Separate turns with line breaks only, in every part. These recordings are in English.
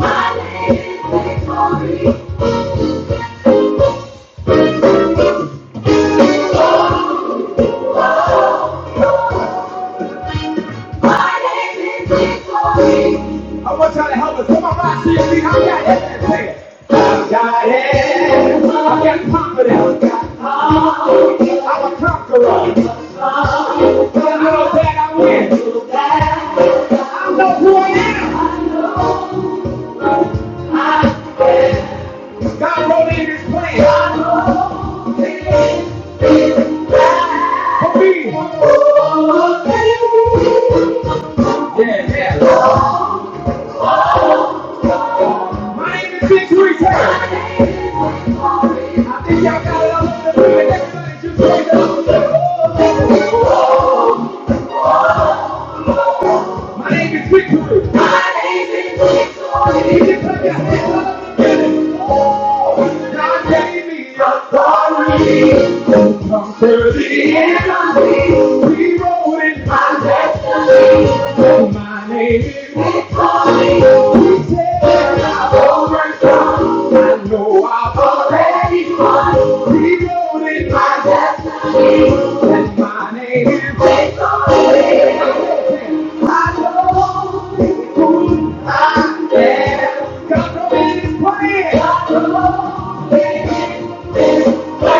My name is Victoria. My name is victory. I want y'all to help us. Come on, rock, see your feet. I got it. Say it. i got it. I got confidence. I'm a conqueror. I know that I win. I know who I am. God wrote in His plan. For me. Yeah, yeah. My name is Big Three Taylor. I think y'all got it all over the place. Everybody just raise it up. My name is Big Three. My name is Big Three. You can put your hands up. and Oh, God gave me authority. Dirty enemy, we wrote in my destiny. Oh, my name is victory. We said I've overcome. I know I've already won. We wrote in my destiny. And my name is victory. I know who I am. God knows his plan. God knows his Come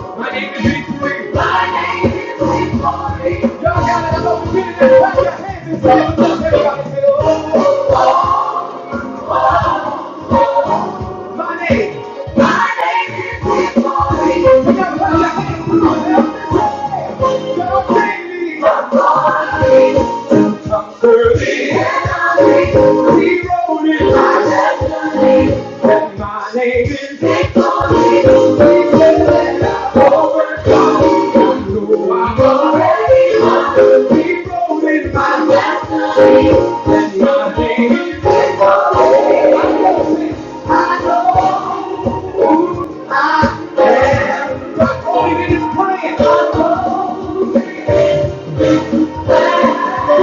My name is Victory. My name is Victory. Y'all got an opportunity to clap your hands and say it. us everybody say My name. My name is Victory. You gotta clap your hands. Y'all bring me. Early and early, we rode in my destiny. And my name is Victory. We said that I've overcome. No, I'm already won. We rode in my destiny. And my name is Victory. I know I am. but All you need is praying. I know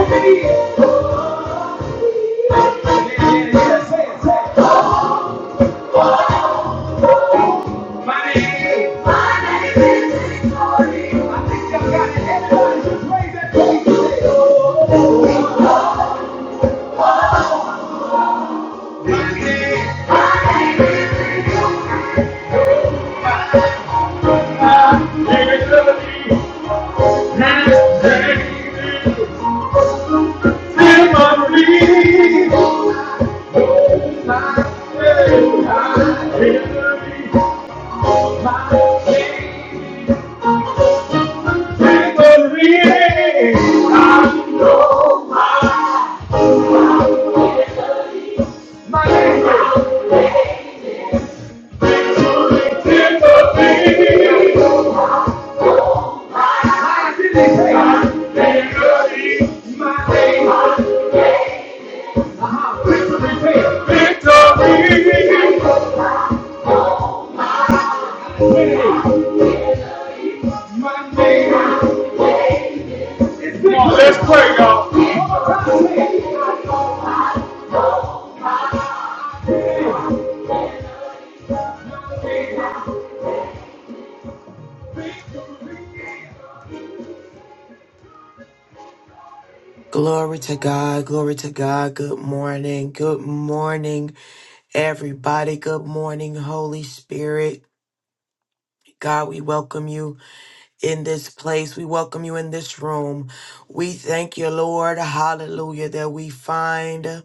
it is. And yes, yes, yes. My name My name is Victoria. I think y'all got it. Everybody just raise that voice My name My name My name is Timothy. My name My name My name is Timothy. My name My name My name Uh-huh. Victory! Victory! Monday! It's victory!
Glory to God. Glory to God. Good morning. Good morning, everybody. Good morning, Holy Spirit. God, we welcome you in this place. We welcome you in this room. We thank you, Lord. Hallelujah. That we find,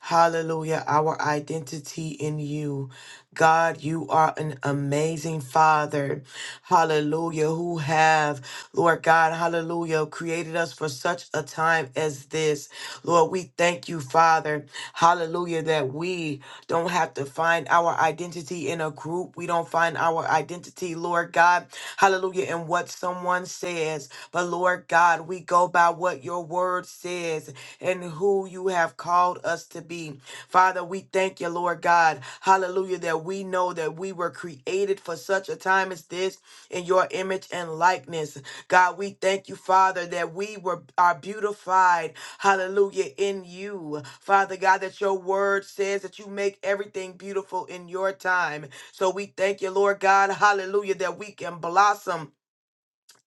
hallelujah, our identity in you. God, you are an amazing Father. Hallelujah. Who have, Lord God, hallelujah, created us for such a time as this. Lord, we thank you, Father. Hallelujah. That we don't have to find our identity in a group. We don't find our identity, Lord God. Hallelujah. In what someone says. But Lord God, we go by what your word says and who you have called us to be. Father, we thank you, Lord. Lord God. Hallelujah. That we know that we were created for such a time as this in your image and likeness. God, we thank you, Father, that we were are beautified. Hallelujah. In you. Father God, that your word says that you make everything beautiful in your time. So we thank you, Lord God. Hallelujah. That we can blossom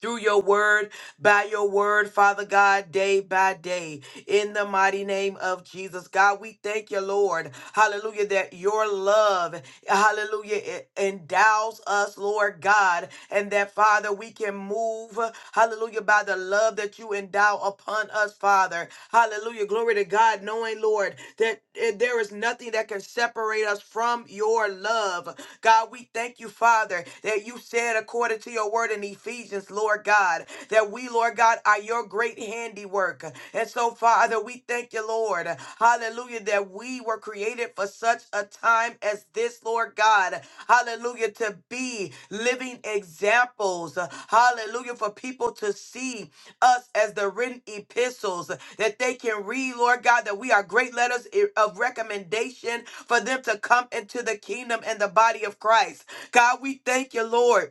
through your word, by your word, Father God, day by day, in the mighty name of Jesus. God, we thank you, Lord. Hallelujah, that your love hallelujah, it endows us, Lord God, and that, Father, we can move, hallelujah, by the love that you endow upon us, Father. Hallelujah, glory to God, knowing, Lord, that eh, there is nothing that can separate us from your love. God, we thank you, Father, that you said according to your word in Ephesians, Lord God, that we, Lord God, are your great handiwork. And so so, Father, we thank you, Lord. Hallelujah, that we were created for such a time as this, Lord God. Hallelujah, to be living examples. Hallelujah, for people to see us as the written epistles that they can read, Lord God, that we are great letters i- of recommendation for them to come into the kingdom and the body of Christ. God, we thank you, Lord.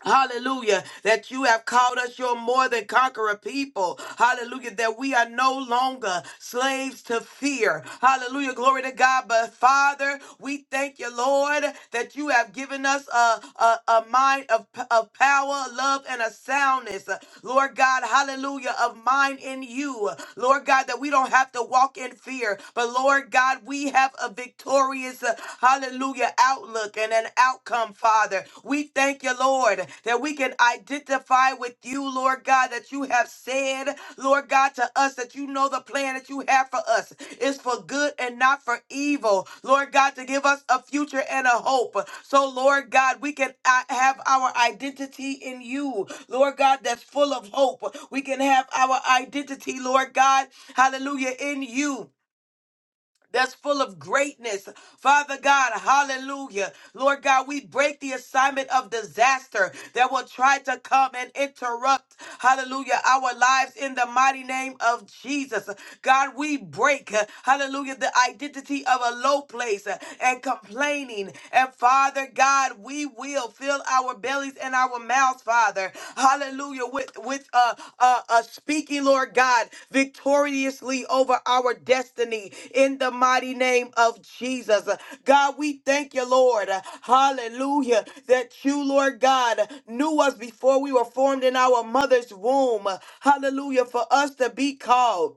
Hallelujah. That you have called us your more than conqueror people. Hallelujah. That we are no longer slaves to fear. Hallelujah. Glory to God. But Father, we thank you, Lord, that you have given us a, a, a mind of, of power, love, and a soundness. Lord God, hallelujah, of mind in you. Lord God, that we don't have to walk in fear, but Lord God, we have a victorious, uh, hallelujah hallelujah, outlook and an outcome, Father. We thank you, Lord, that we can identify with you, Lord God, that you have said, Lord God, to us that you know the plan that you have for us is for good and not for evil, Lord God, to give us a future and a hope. So, Lord God, we can uh, have our identity in you, Lord God, that's full of hope. We can have our identity, Lord God, hallelujah, in you that's full of greatness. Father God, hallelujah. Lord God, we break the assignment of disaster that will try to come and interrupt, hallelujah, our lives in the mighty name of Jesus. God, we break, hallelujah, the identity of a low place and complaining. And Father God, we will fill our belly bellies and our mouths, Father. Hallelujah. With with uh uh, uh speaking, Lord God, victoriously over our destiny in the mighty name of Jesus. God, we thank you, Lord. Hallelujah. That you, Lord God, knew us before we were formed in our mother's womb. Hallelujah. For us to be called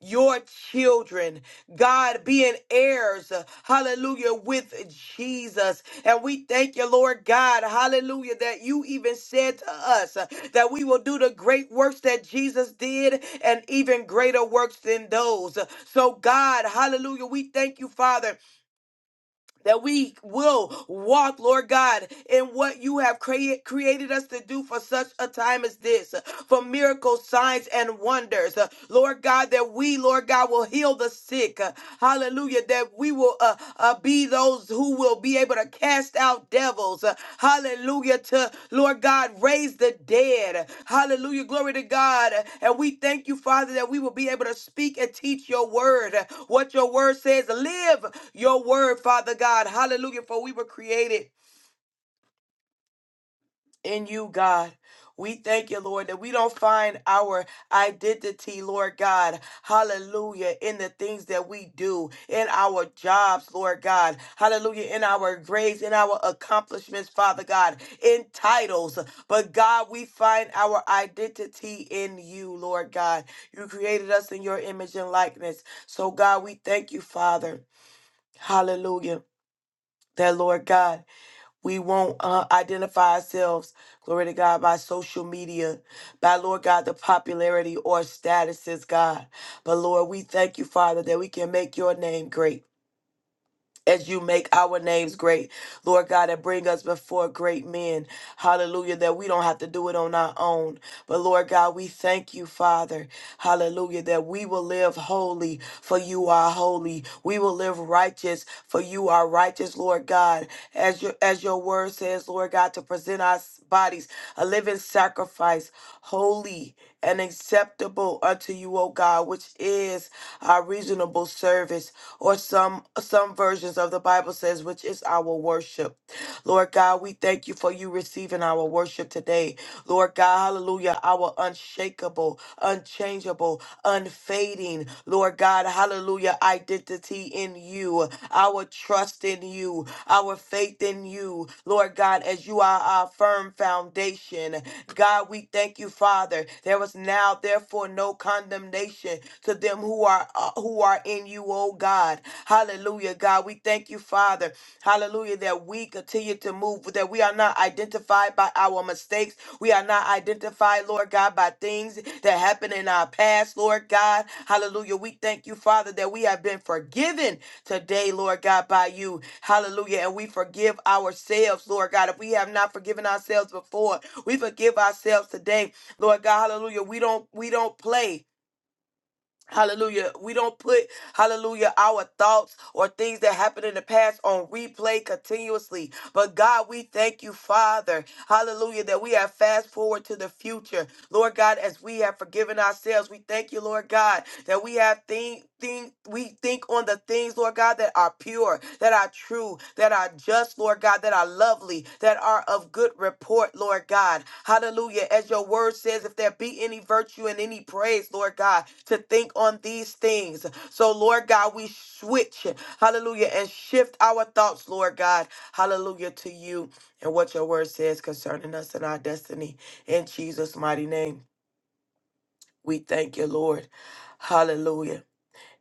your children, God, being heirs, uh, hallelujah, with Jesus. And we thank you, Lord God, hallelujah, that you even said to us uh, that we will do the great works that Jesus did and even greater works than those. So, God, hallelujah, we thank you, Father that we will walk, Lord God, in what you have crea- created us to do for such a time as this, for miracles, signs, and wonders. Uh, Lord God, that we, Lord God, will heal the sick. Uh, Hallelujah. That we will uh, uh, be those who will be able able to cast out devils. Uh, Hallelujah to Lord God, raise the dead. Hallelujah. Glory to God. And we thank you, Father, that we will be able to speak and teach your word. What your word says, live your word, Father God. Hallelujah. For we were created in you, God. We thank you, Lord, that we don't find our identity, Lord God. Hallelujah. In the things that we do, in our jobs, Lord God. Hallelujah. In our grades, in our accomplishments, Father God. In titles. But God, we find our identity in you, Lord God. You created us in your image and likeness. So, God, we thank you, Father. Hallelujah. That, Lord God. We won't uh, identify ourselves, glory to God, by social media, by Lord God, the popularity or statuses, God. But Lord, we thank you, Father, that we can make your name great. As you make our names great, Lord God, and bring us before great men. Hallelujah, that we don't have to do it on our own. But Lord God, we thank you, Father. Hallelujah. That we will live holy, for you are holy. We will live righteous, for you are righteous, Lord God. As your as your word says, Lord God, to present our s- bodies a living sacrifice, holy and acceptable unto you, O God, which is our reasonable service, or some some versions of the Bible says, which is our worship. Lord God, we thank you for you receiving our worship today. Lord God, hallelujah, our unshakable, unchangeable, unfading, Lord God, hallelujah, identity in you, our trust in you, our faith in you, Lord God, as you are our firm foundation. God, we thank you, Father. There is now, therefore, no condemnation to them who are uh, who are in you, oh God. Hallelujah, God. We thank you, Father. Hallelujah. That we continue to move, that we are not identified by our mistakes. We are not identified, Lord God, by things that happened in our past, Lord God. Hallelujah. We thank you, Father, that we have been forgiven today, Lord God, by you. Hallelujah. And we forgive ourselves, Lord God. If we have not forgiven ourselves before, we forgive ourselves today. Lord God, hallelujah. We don't we don't play. Hallelujah. We don't put, hallelujah, our thoughts or things that happened in the past on replay continuously. But God, we thank you, Father. Hallelujah, that we have fast forward to the future. Lord God, as we have forgiven ourselves, we thank you, Lord God, that we have think think we think on the things, Lord God, that are pure, That that are true, that are just, Lord God, that are lovely, that are of good report, Lord God. Hallelujah. As your word says, if there be any virtue and any praise, Lord God, to think on these things. So, Lord God, we switch, hallelujah, and shift our thoughts, Lord God, hallelujah, to you and what your word says concerning us and our destiny. In Jesus' mighty name, we thank you, Lord. Hallelujah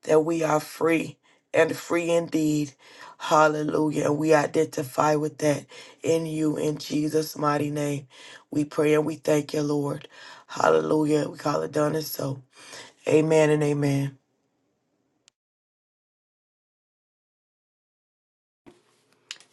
that we are free and free indeed. Hallelujah. And we identify with that in you in Jesus' mighty name. We pray and we thank you, Lord. Hallelujah. We call it done and so. Amen and amen.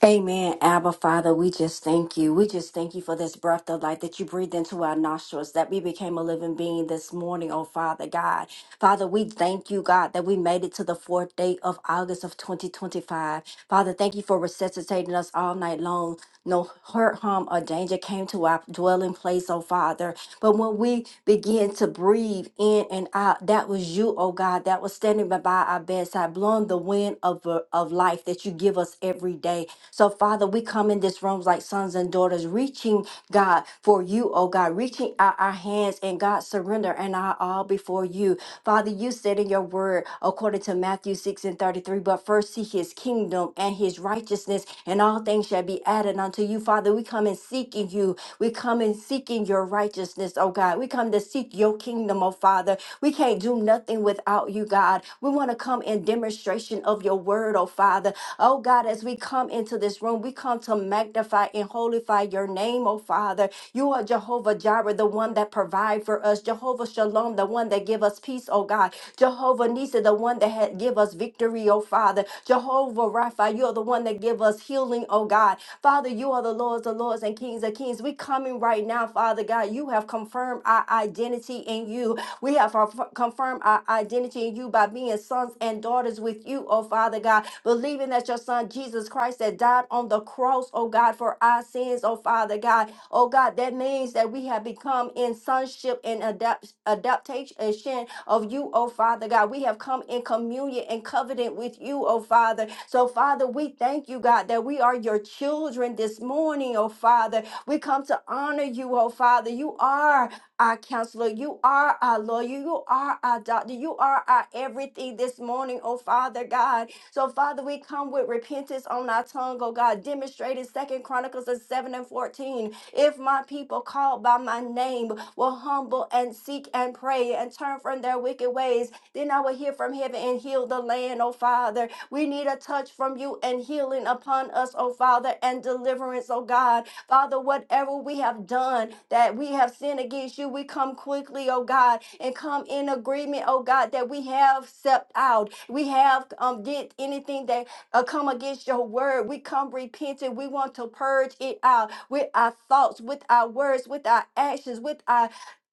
Amen, Abba Father. We just thank you. We just thank you for this breath of life that you breathed into our nostrils, that we became a living being this morning, oh Father God. Father, we thank you, God, that we made it to the fourth day of August of 2025. Father, thank you for resuscitating us all night long. No hurt, harm, or danger came to our dwelling place, oh Father. But when we began to breathe in and out, that was you, oh God, that was standing by our bedside, blowing the the wind of, uh, of life that you give us every day. So, Father, we come in this room like sons and daughters, reaching God for you, oh God, reaching out our hands and God surrender and our all before you. Father, you said in your word, according to Matthew 6 and 33, but first seek his kingdom and his righteousness, and all things shall be added unto you. Father, we come in seeking you. We come in seeking your righteousness, oh God. We come to seek your kingdom, oh Father. We can't do nothing nothing without you, God. We want to come in demonstration of your word, oh Father. Oh God, as we come into this room, we come to magnify and holify your name, oh Father. You are Jehovah Jireh, the one that provide for us. Jehovah Shalom, the one that give us peace, oh God. Jehovah Nisa, the one that had give us victory, oh Father. Jehovah Rapha, you are the one that give us healing, oh God. Father, you are the Lords, the Lords and Kings of Kings. We coming right now, Father God. You have confirmed confirmed our identity in you. We have our- confirmed our identity in you by being sons and daughters with you, oh Father God, believing that your Son Jesus Christ that died on the cross, oh God, for our sins, oh Father God. Oh God, that means that we have become in sonship and adapt, adaptation of you, oh Father God. We have come in communion and covenant with you, oh Father. So, Father, we thank you, God, that we are your children this morning, oh Father. We come to honor you, oh Father. You are our counselor. You are our lawyer. You are our doctor. You are our everything this morning, oh Father God. So, Father, we come with repentance on our tongue, oh God, demonstrated Second Chronicles of 7 and 14. If my people called by my name will humble and seek and pray and turn from their wicked ways, then I will hear from heaven and heal the land, oh Father. We need a touch from you and healing upon us, oh Father, and deliverance, oh God. Father, whatever we have done that we have sinned against you, we come quickly, oh God, and come in agreement, oh God, that we have stepped out. We have um, did anything that uh, come against your word. We come repenting. We want to purge it out with our thoughts, with our words, with our actions, with our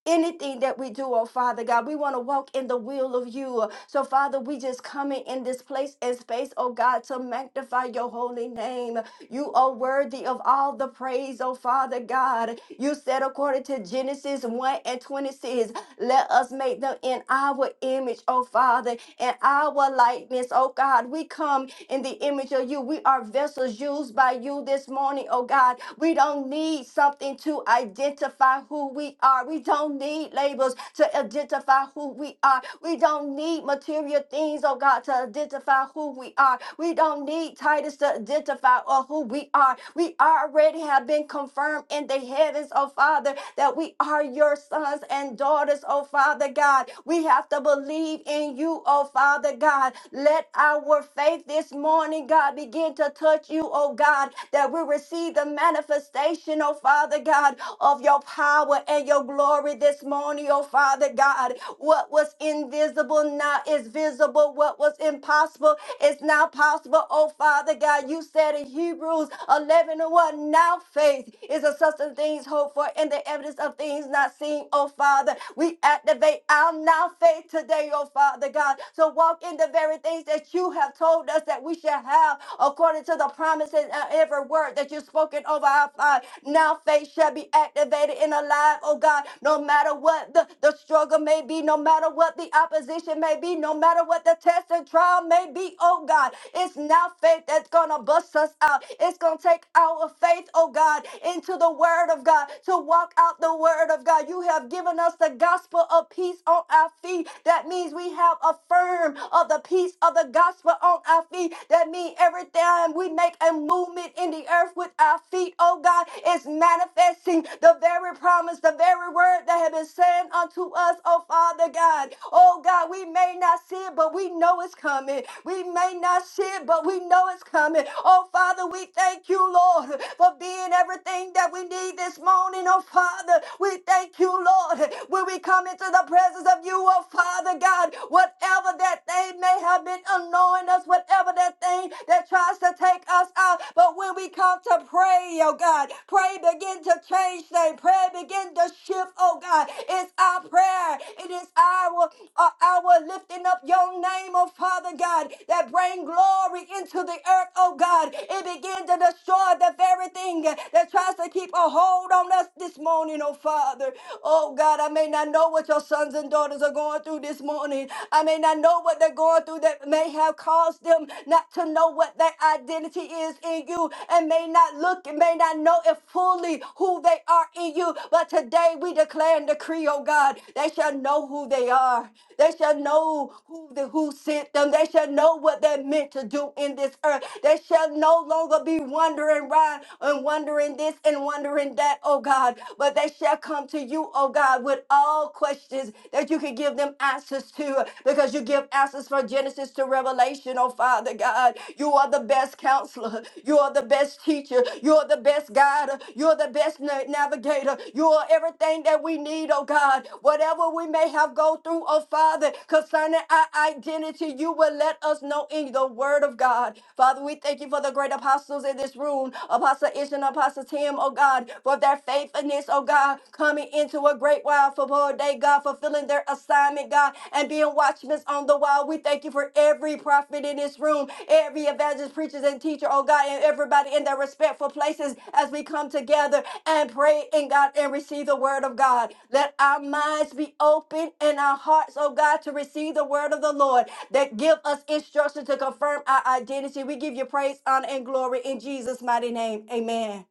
anything that we do, oh Father God. We want to walk in the will of you. So, Father, we just coming in this place and space, oh God, to magnify your holy name. You are worthy of all the praise, oh Father God. You said, according to Genesis 1 and 26, let us make them in our image, oh Father, and our likeness, oh God. We come in the image of you. We are vessels used by you this morning, oh God. We don't need something to identify who we are. We don't need labels to identify who we are. We don't need material things, oh God, to identify who we are. We don't need titles to identify or who we are. We already have been confirmed in the heavens, oh Father, that we are your sons and daughters, oh Father God. We have to believe in you, oh Father God. Let our faith this morning, God, begin to touch you, oh God, that we receive the manifestation, oh Father God, of your power and your glory this morning, oh Father God. What was invisible now is visible. What was impossible is now possible, oh Father God. You said in Hebrews 11 and 1, now faith is the substance of things hoped for and the evidence of things not seen, oh Father. We activate our now faith today, oh Father God. So walk in the very things that you have told us that we shall have according to the promises and every word that you've spoken over our life. Now faith shall be activated and alive, oh God, no matter what the, the struggle may be, no matter what the opposition may be, no matter what the test and trial may be, oh God. It's now faith that's gonna bust us out. It's gonna take our faith, oh God, into the word of God to walk out the word of God. You have given us the gospel of peace on our feet. That means we have affirmed of the peace of the gospel on our our feet. That means every time we make a movement in the earth with our feet, oh God, it's manifesting the very promise, the very word that have been said unto us, oh Father God. Oh God, we may not see it, but we know it's coming. We may not see it, but we know it's coming. Oh Father, we thank you, Lord, for being everything that we need this morning, oh Father. We thank you, Lord, when we come into the presence of you, oh Father God, whatever that that they may have been annoying us, whatever that thing that tries to take us out. But when we come to pray, oh God, pray begin to change things. Pray begin to shift, oh God. It's our prayer. It is our uh, our lifting up your name, oh Father God, that bring glory into the earth, oh God. It begin to destroy the very everything that tries to keep a hold on us this morning, oh Father. Oh God, I may not know what your sons and daughters are going through this morning. I may not know what they're going through that may have caused them not to know what their identity is in you and may not look and may not know it fully who they are in you. But today we declare and decree, oh God, they shall know who they are. They they shall know who the who sent them. They shall know what they're meant to do in this earth. They shall no longer be wandering around and wondering this and wondering that, oh God. But they shall come to you, oh God, with all questions that you can give them answers to because you give answers from Genesis to Revelation, oh Father God. You are the best counselor. You are the best teacher. You are the the best guide. You're the best na- navigator. You are everything that we need, oh God. Whatever we may have gone through, oh Father, concerning our identity, you will let us know in the word of God. Father, we thank you for the great apostles in this room, Apostle Ish and Apostle Tim, oh God, for their faithfulness, oh God, coming into a great while for poor day, God, fulfilling their assignment, God, and being watchmen on the wall. We thank you for every prophet in this room, every evangelist, preachers, and teacher, oh God, and everybody in their respectful places as we come together and pray in God and receive the word of God. Let our minds be open and our hearts, oh God, to receive the word of the Lord that give us instruction to confirm our identity. We give you praise, honor, and glory in Jesus' mighty name. Amen.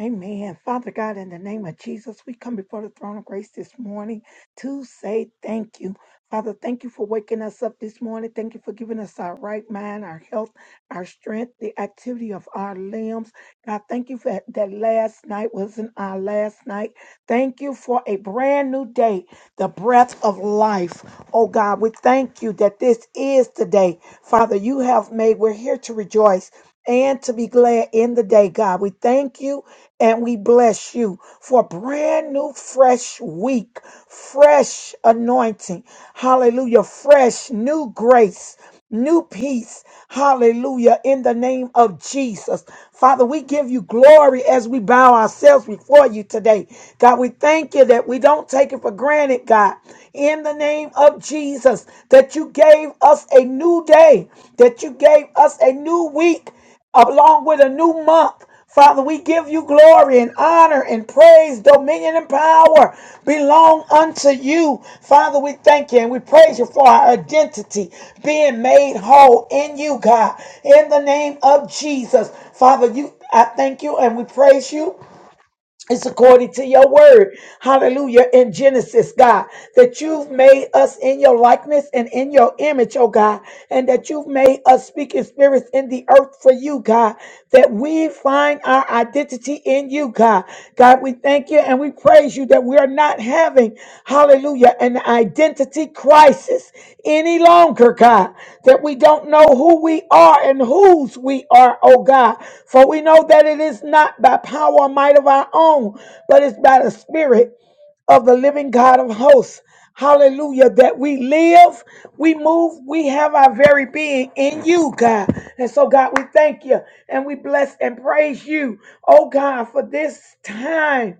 Amen. Father God, in the name of Jesus, we come before the throne of grace this morning to say thank you. Father, thank you for waking us up this morning. Thank you for giving us our right mind, our health our strength, the activity of our limbs. God, thank you for that, that last night wasn't our last night. Thank you for a brand new day, the breath of life. Oh God, we thank you that this is the day, Father, you have made. We're here to rejoice and to be glad in the day, God. We thank you and we bless you for a brand new, fresh week, fresh anointing. Hallelujah. Fresh new grace new peace. Hallelujah. In the name of Jesus. Father, we give you glory as we bow ourselves before you today. God, we thank you that we don't take it for granted, God. In the name of Jesus, that you gave us a new day, that you gave us a new week along with a new month. Father, we give you glory and honor and praise, dominion and power belong unto you. Father, we thank you and we praise you for our identity being made whole in you, God. In the name of Jesus, Father, you I thank you and we praise you it's according to your word. Hallelujah. In Genesis, God, that you've made us in your likeness and in your image, oh God, and that you've made us speaking spirits in the earth for you, God, that we find our identity in you, God. God, we thank you and we praise you that we are not having, hallelujah, an identity crisis any longer, God that we don't know who we are and whose we are, oh God. For we know that it is not by power or might of our own, but it's by the Spirit of the living God of hosts. Hallelujah. That we live, we move, we have our very being in you, God. And so, God, we thank you and we bless and praise you, oh God, for this time.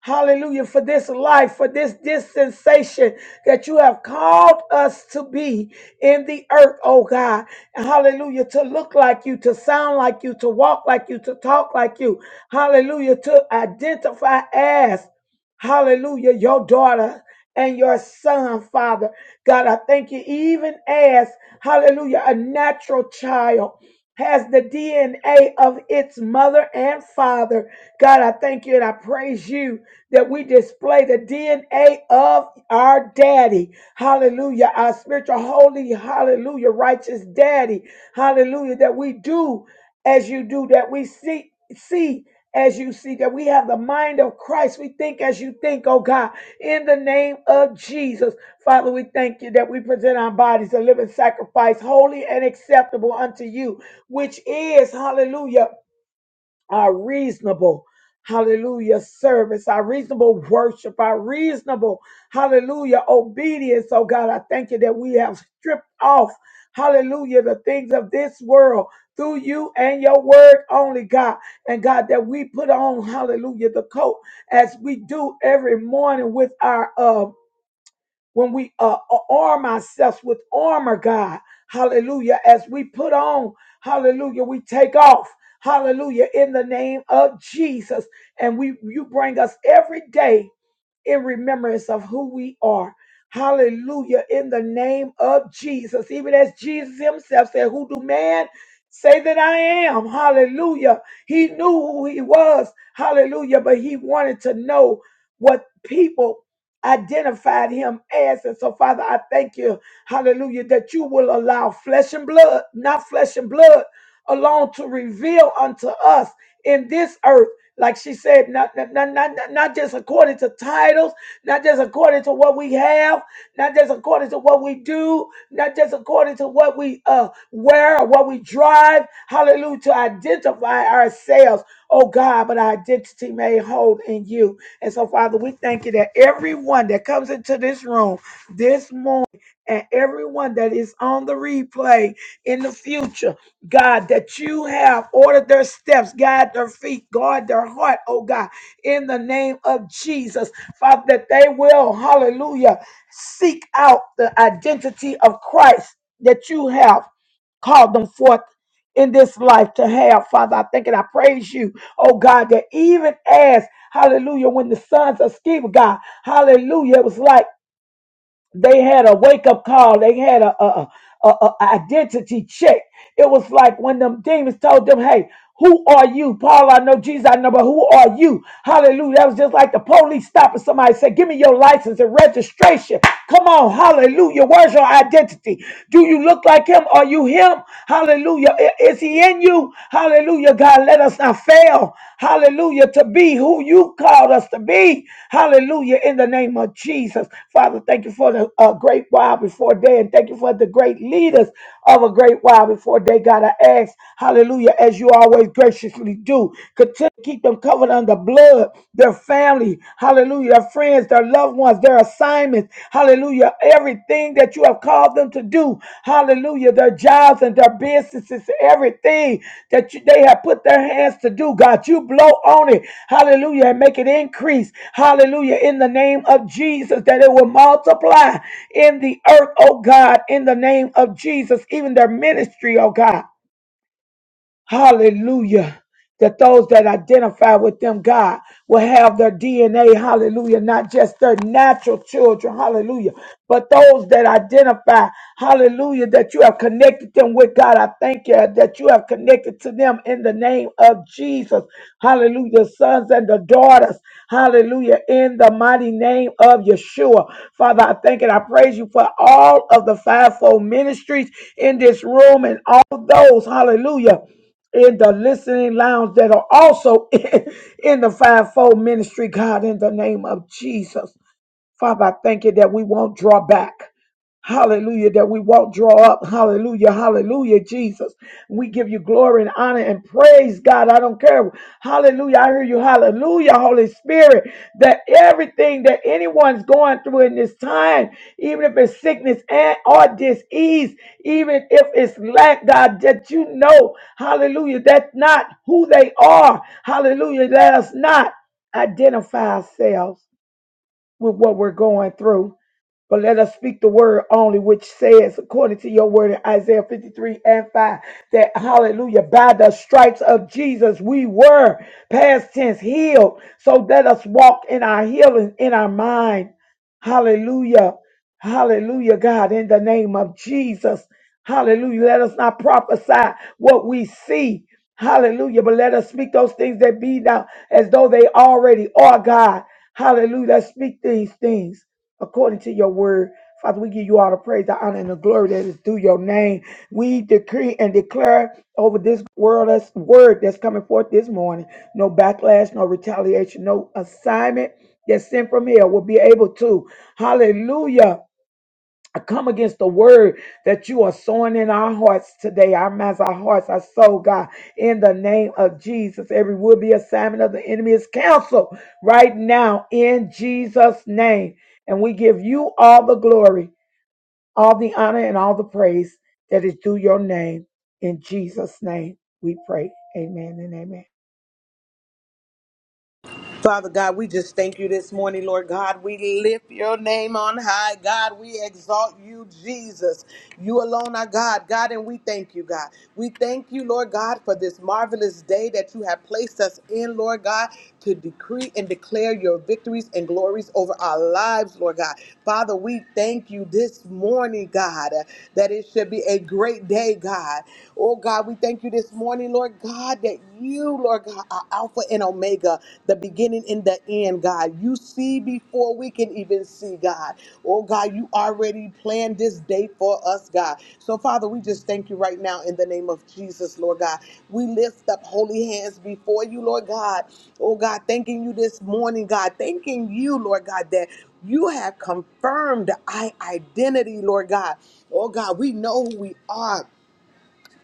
Hallelujah. For this life, for this dispensation that you have called us to be in the earth, oh God. Hallelujah. To look like you, to sound like you, to walk like you, to talk like you. Hallelujah. To identify as, hallelujah, your daughter and your son, Father. God, I thank you, even as, hallelujah, a natural child has the DNA of its mother and father. God, I thank you and I praise you that we display the DNA of our daddy. Hallelujah. Our spiritual, holy, hallelujah, righteous daddy. Hallelujah. That we do as you do, that we seek we see as you see that we have the mind of Christ. We think as you think, oh God, in the name of Jesus. Father, we thank you that we present our bodies a living sacrifice, holy and acceptable unto you, which is, hallelujah our reasonable hallelujah service our reasonable worship our reasonable hallelujah obedience oh god i thank you that we have stripped off hallelujah the things of this world through you and your word only god and god that we put on hallelujah the coat as we do every morning with our um when we uh, arm ourselves with armor, God. Hallelujah. As we put on, hallelujah, we take off. Hallelujah. In the name of Jesus. And we you bring us every day in remembrance of who we are. Hallelujah. In the name of Jesus. Even as Jesus himself said, Who do man say that I am? Hallelujah. He knew who he was. Hallelujah. But he wanted to know what people identified him as. And so, Father, I thank you. Hallelujah. That you will allow flesh and blood, not flesh and blood, alone to reveal unto us in this earth like she said, not, not, not, not, not just according to titles, not just according to what we have, not just according to what we do, not just according to what we uh, wear or what we drive. Hallelujah, to identify ourselves, oh God, but our identity may hold in you. And so, Father, we thank you that everyone that comes into this room this morning and everyone that is on the replay in the future. God, that you have ordered their steps, guide their feet, guard their heart, oh God, in the name of Jesus. Father, that they will, hallelujah, seek out the identity of Christ that you have called them forth in this life to have. Father, I thank and I praise you, oh God, that even as, hallelujah, when the sons of Sceva, God, hallelujah, it was like, they had a wake up call. They had a, a, a, a a identity check. It was like when them demons told them, "Hey, who are you, Paul? I know Jesus. I know, but who are you?" Hallelujah. That was just like the police stopping somebody, say, "Give me your license and registration." Come on, Hallelujah. Where's your identity? Do you look like him? Are you him? Hallelujah. I- Is he in you? Hallelujah, God. Let us not fail. Hallelujah, to be who you called us to be. Hallelujah, in the name of Jesus. Father, thank you for the uh, great while before day, and thank you for the great leaders of a great while before day. God, I ask, hallelujah, as you always graciously do, continue to keep them covered under blood, their family, hallelujah, their friends, their loved ones ones, their assignments, hallelujah, everything that you have called them to do, hallelujah, their jobs and their businesses, everything that you, they have put their hands to do, God, you blow on it, hallelujah, and make it increase, hallelujah, in the name of Jesus, that it will multiply in the earth, oh God, in the name of Jesus, even their ministry, oh God. Hallelujah. That those that identify with them, God, will have their DNA, hallelujah, not just their natural children, hallelujah, but those that identify, hallelujah, that you have connected them with God. I thank you that you have connected to them in the name of Jesus, hallelujah, sons and the daughters, hallelujah, in the mighty name of Yeshua. Father, I thank and I praise you for all of the fivefold ministries in this room and all those, hallelujah in the listening lounge that are also in, the fivefold ministry, God, in the name of Jesus. Father, I thank you that we won't draw back. Hallelujah, that we won't draw up. Hallelujah, hallelujah, Jesus. We give you glory and honor and praise, God. I don't care. Hallelujah, I hear you. Hallelujah, Holy Spirit, that everything that anyone's going through in this time, even if it's sickness and or disease, even if it's lack, God, that you know, hallelujah, that's not who they are. Hallelujah, let us not identify ourselves with what we're going through. But let us speak the word only, which says, according to your word in Isaiah 53 and 5, that hallelujah, by the stripes of Jesus, we were past tense healed. So let us walk in our healing, in our mind. Hallelujah. Hallelujah, God, in the name of Jesus. Hallelujah. Let us not prophesy what we see. Hallelujah. But let us speak those things that be now as though they already are God. Hallelujah. Let's speak these things according to your word. Father, we give you all the praise, the honor, and the glory that is due your name. We decree and declare over this world that's word that's coming forth this morning. No backlash, no retaliation, no assignment that's sent from here will be able to. Hallelujah. I come against the word that you are sowing in our hearts today. Our minds, our hearts, our soul, God, in the name of Jesus. Every would be assignment of the enemy is canceled right now in Jesus' name. And we give you all the glory, all the honor, and all the praise that is due your name. In Jesus' name, we pray. Amen and amen.
Father God, we just thank you this morning, Lord God. We lift your name on high, God. We exalt you, Jesus. You alone are God, God, and we thank you, God. We thank you, Lord God, for this marvelous day that you have placed us in, Lord God, to decree and declare your victories and glories over our lives, Lord God. Father, we thank you this morning, God that it should be a great day, God. Oh, God, we thank you this morning, Lord God, that you, Lord God, are Alpha and Omega, the beginning and the end, God. You see before we can even see, God. Oh, God, you already planned this day for us, God. So, Father, we just thank you right now in the name of Jesus, Lord God. We lift up holy hands before you, Lord God. Oh God, thanking you this morning, God. Thanking you, Lord God, that you have confirmed our identity, Lord God. Oh God, we know who we are.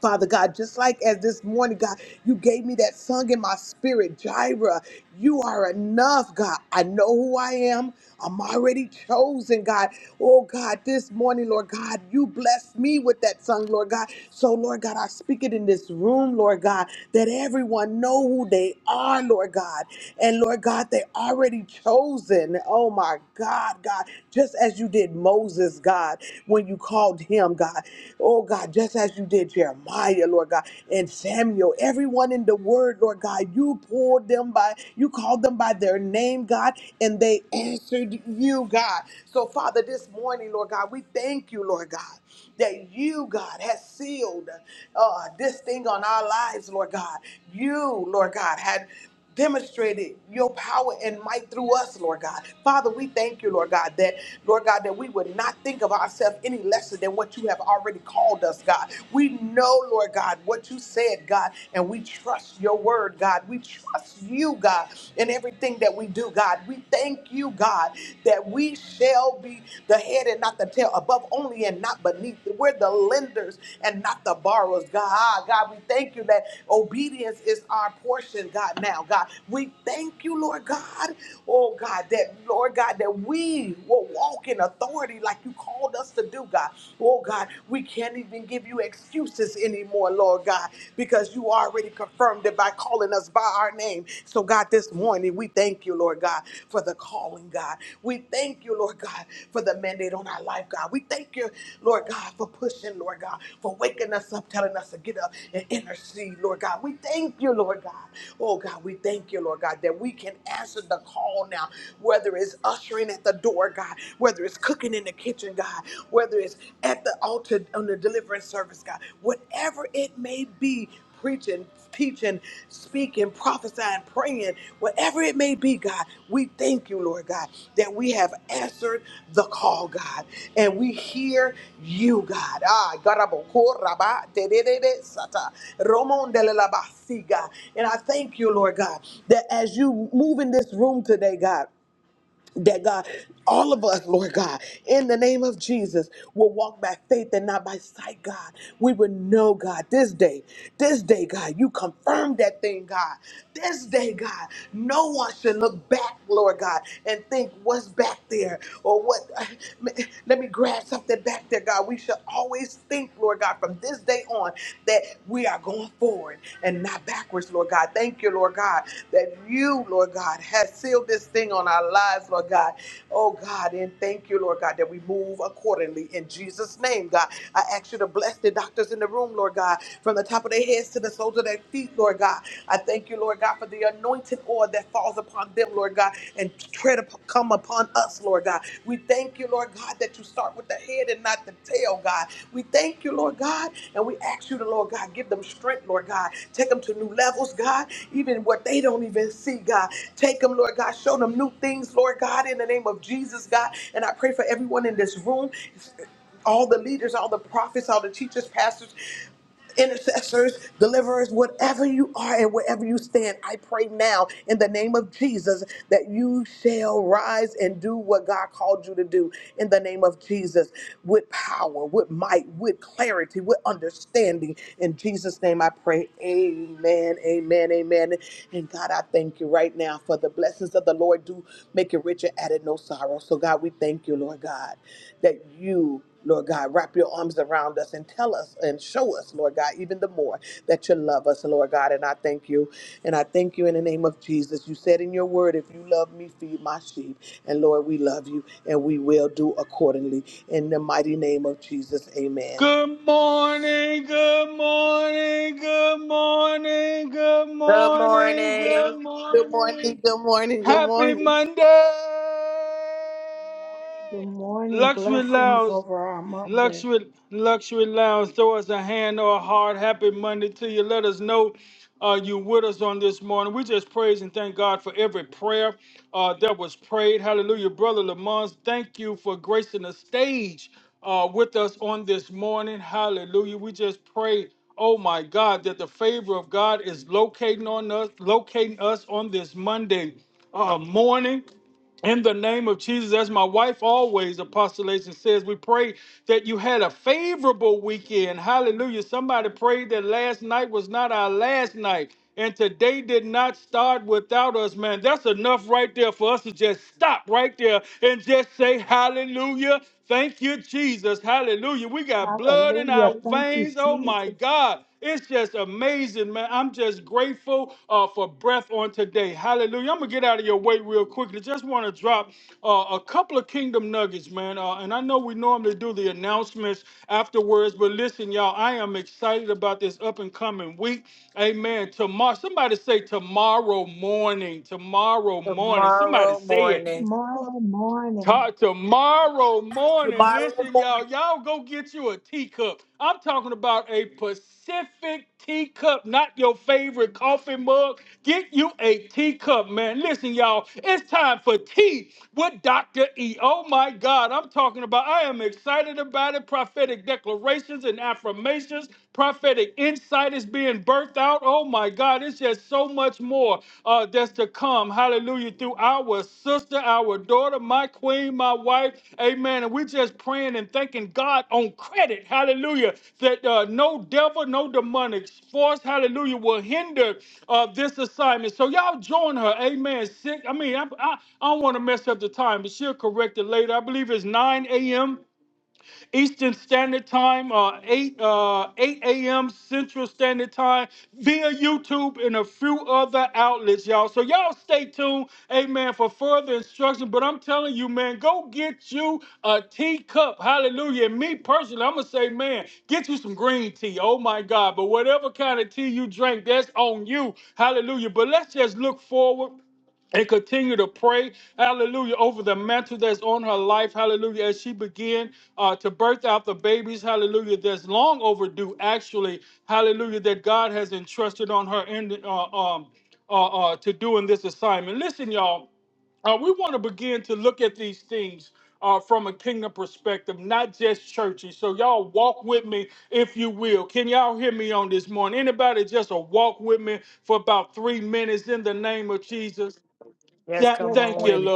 Father God, just like as this morning, God, you gave me that song in my spirit, Jireh, you are enough, God. I know who I am. I'm already chosen, God. Oh, God, this morning, Lord God, you blessed me with that song, Lord God. So, Lord God, I speak it in this room, Lord God, that everyone know who they are, Lord God. And, Lord God, they already chosen. Oh, my God, God, just as you did Moses, God, when you called him, God. Oh God, just as you did Jeremiah, Lord God, and Samuel, everyone in the word, Lord God, you pulled them by, you called them by their name, God, and they answered you, God. So, Father, this morning, Lord God, we thank you, Lord God, that you, God, has sealed uh, this thing on our lives, Lord God. You, Lord God, had demonstrated your power and might through us, Lord God. Father, we thank you, Lord God, that, Lord God, that we would not think of ourselves any lesser than what you have already called us, God. We know, Lord God, what you said, God, and we trust your word, God. We trust you, God, in everything that we do, God. We thank you, God, that we shall be the head and not the tail, above only and not beneath we we're the lenders and not the borrowers. God, ah, God, we thank you that obedience is our portion, God. Now, God, we thank you, Lord God. Oh God, that Lord God, that we will walk in authority like you called us to do, God. Oh God, we can't even give you excuses anymore, Lord God, because you already confirmed it by calling us by our name. So God, this morning we we thank you, Lord God, for the calling, God. We thank you, Lord God, for the mandate on our life, God. We thank you, Lord God, for pushing, Lord God, for waking us up, telling us to get up and intercede, Lord God. We thank you, Lord God. Oh, God, we thank you, Lord God, that we can answer the call now, whether it's ushering at the door, God, whether it's cooking in the kitchen, God, whether it's at the altar on the deliverance service, God, whatever it may be, preaching, teaching, speaking, prophesying, praying, whatever it may be, God, we thank you, Lord God, that we have answered the call, God, and we hear you, God. Ah, garaboko, raba, de, de, de, de, sata, romon de la la, si, God. And I thank you, Lord God, that as you move in this room today, God, that God, all of us, Lord God, in the name of Jesus, will walk by faith and not by sight, God. We will know, God, this day, this day, God, you confirmed that thing, God. This day, God, no one should look back, Lord God, and think what's back there or what, let me grab something back there, God. We should always think, Lord God, from from this day on that we are going forward and not backwards, Lord God. Thank you, Lord God, that you, Lord God, has sealed this thing on our lives, Lord God. Oh God, and thank you, Lord God, that we move accordingly in Jesus' name, God. I ask you to bless the doctors in the room, Lord God, from the top of their heads to the soles of their feet, Lord God. I thank you, Lord God, for the anointed oil that's that falls upon them, Lord God, and tread up, come upon us, Lord God. We thank you, Lord God, that you start with the head and not the tail, God. We thank you, Lord God, and we ask you to, Lord God, give them strength, Lord God. Take them to new levels, God, even what they don't even see, God. Take them, Lord God. Show them new things, Lord God, in the name of Jesus, God. And I pray for everyone in this room all the leaders, all the prophets, all the teachers, pastors intercessors, deliverers, whatever you are and wherever you stand, I pray now in the name of Jesus that you shall rise and do what God called you to do in the name of Jesus with power, with might, with clarity, with understanding. In Jesus' name I pray. Amen, amen, amen. And God, I thank you right now for the blessings of the Lord do make it richer, added no sorrow. So God, we thank you, Lord God, that you. Lord God, wrap your arms around us and tell us and show us, Lord God, even the more that you love us, Lord God. And I thank you. And I thank you in the name of Jesus. You said in your word, if you love me, feed my sheep. And Lord, we love you and we will do accordingly. In the mighty name of Jesus, amen.
Good morning.
Good morning, good morning, good morning.
Good morning. Blessings over our Monday. Hallelujah. Thank you, Jesus.
Tomorrow morning.
Tomorrow morning.
Tomorrow morning.
Yes,
Yes,
come on
sir.
with it.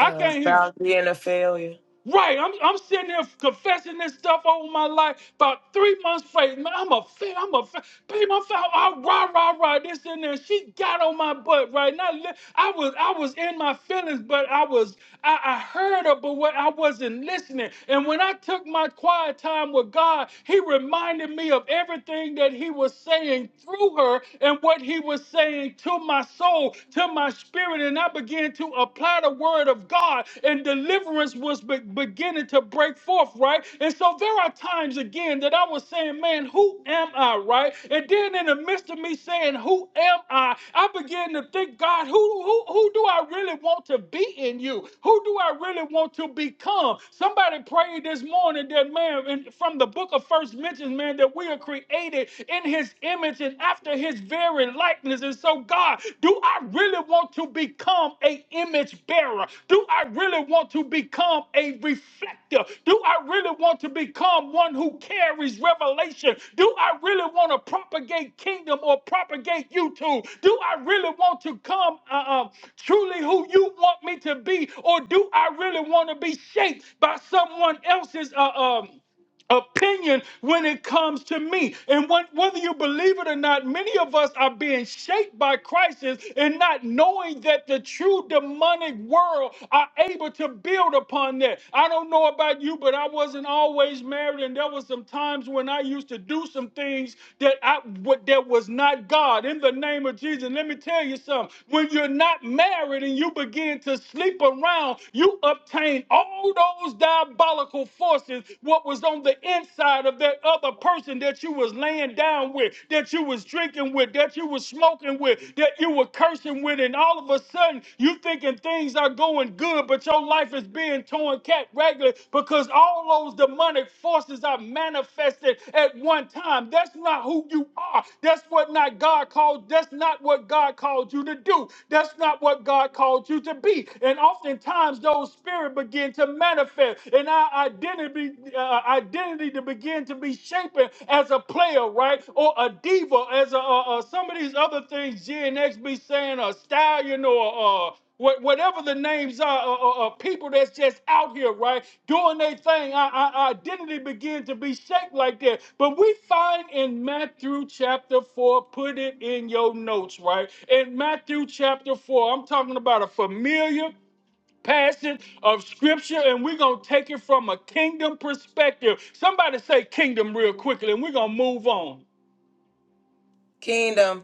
Uh, about being a failure. Kingdom.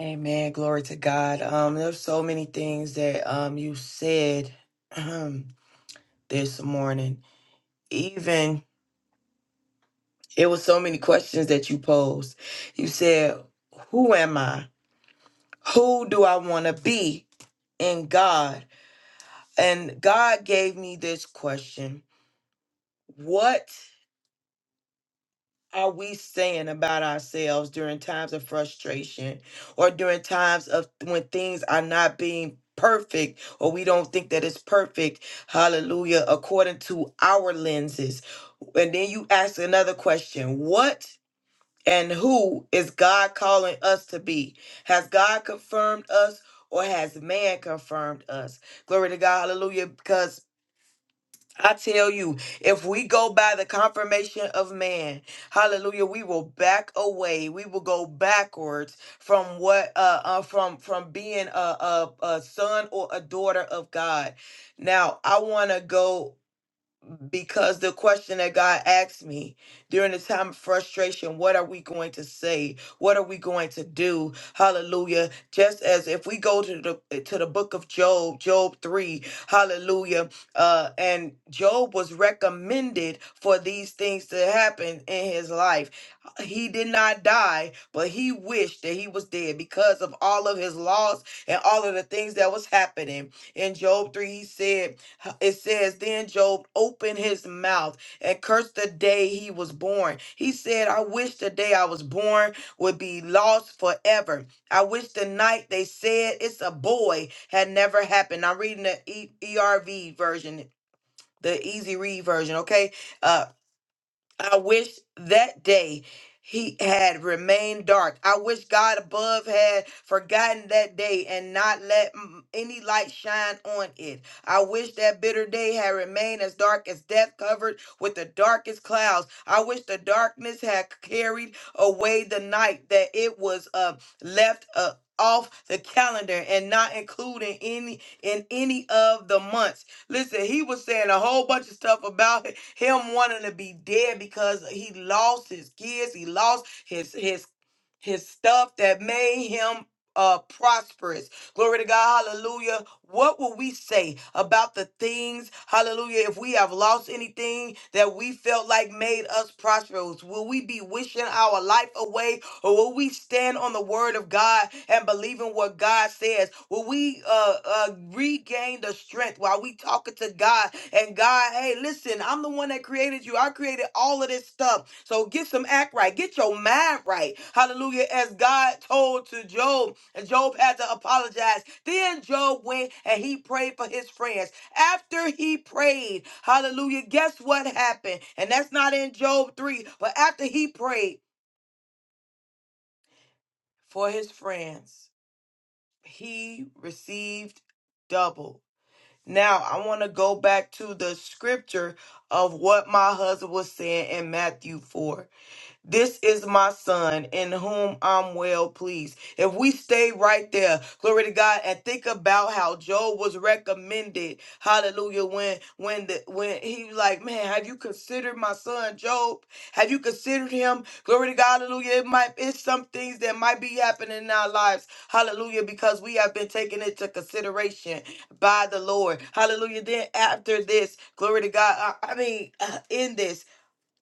Amen. Glory to God. Um, there's so many things that um you said this morning. Even It was so many questions that you posed. You said, Who am I? Who do I want to be in God? And God gave me this question What are we saying about ourselves during times of frustration or during times of when things are not being perfect or we don't think that it's perfect? Hallelujah, according to our lenses. And then you ask another question What and who is God calling us to be? Has God confirmed us or has man confirmed us? Glory to God, hallelujah, because I tell you, if we go by the confirmation of man, hallelujah, we will back away. We will go backwards from what uh, uh from from being a, a a son or a daughter of God. Now, I want to go because the question that God asked me during the time of frustration, what are we going to say? What are we going to do? Hallelujah. Just as if we go to the eh, to the book of Job, Job 3, hallelujah. Uh, and Job was recommended for these things to happen in his life. He did not die, but he wished that he was dead because of all of his loss and all of the things that was happening. In Job 3, he said, it says, Then Job opened his mouth and cursed the day he was born. He said, I wish the day I was born would be lost forever. I wish the night they said it's a boy had never happened. I'm reading the e- ERV version. The easy read version, okay? Uh, I wish that day he had remained dark. I wish God above had forgotten that day and not let mm, any light shine on it. I wish that bitter day had remained as dark as death covered with the darkest clouds. I wish the darkness had carried away the night that it was uh, left uh, off the calendar and not included any in any of the months. Listen, he was saying a whole bunch of stuff about h- him wanting to be dead because he lost his kids, he lost his his his stuff that made him uh prosperous. Glory to God, hallelujah. What will we say about the things, hallelujah, if we have lost anything that we felt like made us prosperous? Will we be wishing our life away? Or Will we stand on the word of God and believe in what God says? Will we uh, uh, regain the strength while we talking to God and God, hey, listen, I'm the one that created you. I created all of this stuff. So get some act right. Get your mind right. Hallelujah. As God told to Job, and Job had to apologize. Then Job went and he prayed for his friends. After he prayed, hallelujah, guess what happened? And that's not in Job 3, but after he prayed, for his friends. He received double. Now, I want to go back to the scripture of what my husband was saying in Matthew 4. This is my son in whom I'm well pleased. If we stay right there, glory to God, and think about how Job was recommended, hallelujah, when when the when he was like, Man, have you considered my son Job? Have you considered him? Glory to God, hallelujah. It might it's some things that might be happening in our lives, hallelujah, because we have been taken into consideration by the Lord. Hallelujah. Then after this, glory to God. I, I mean, in this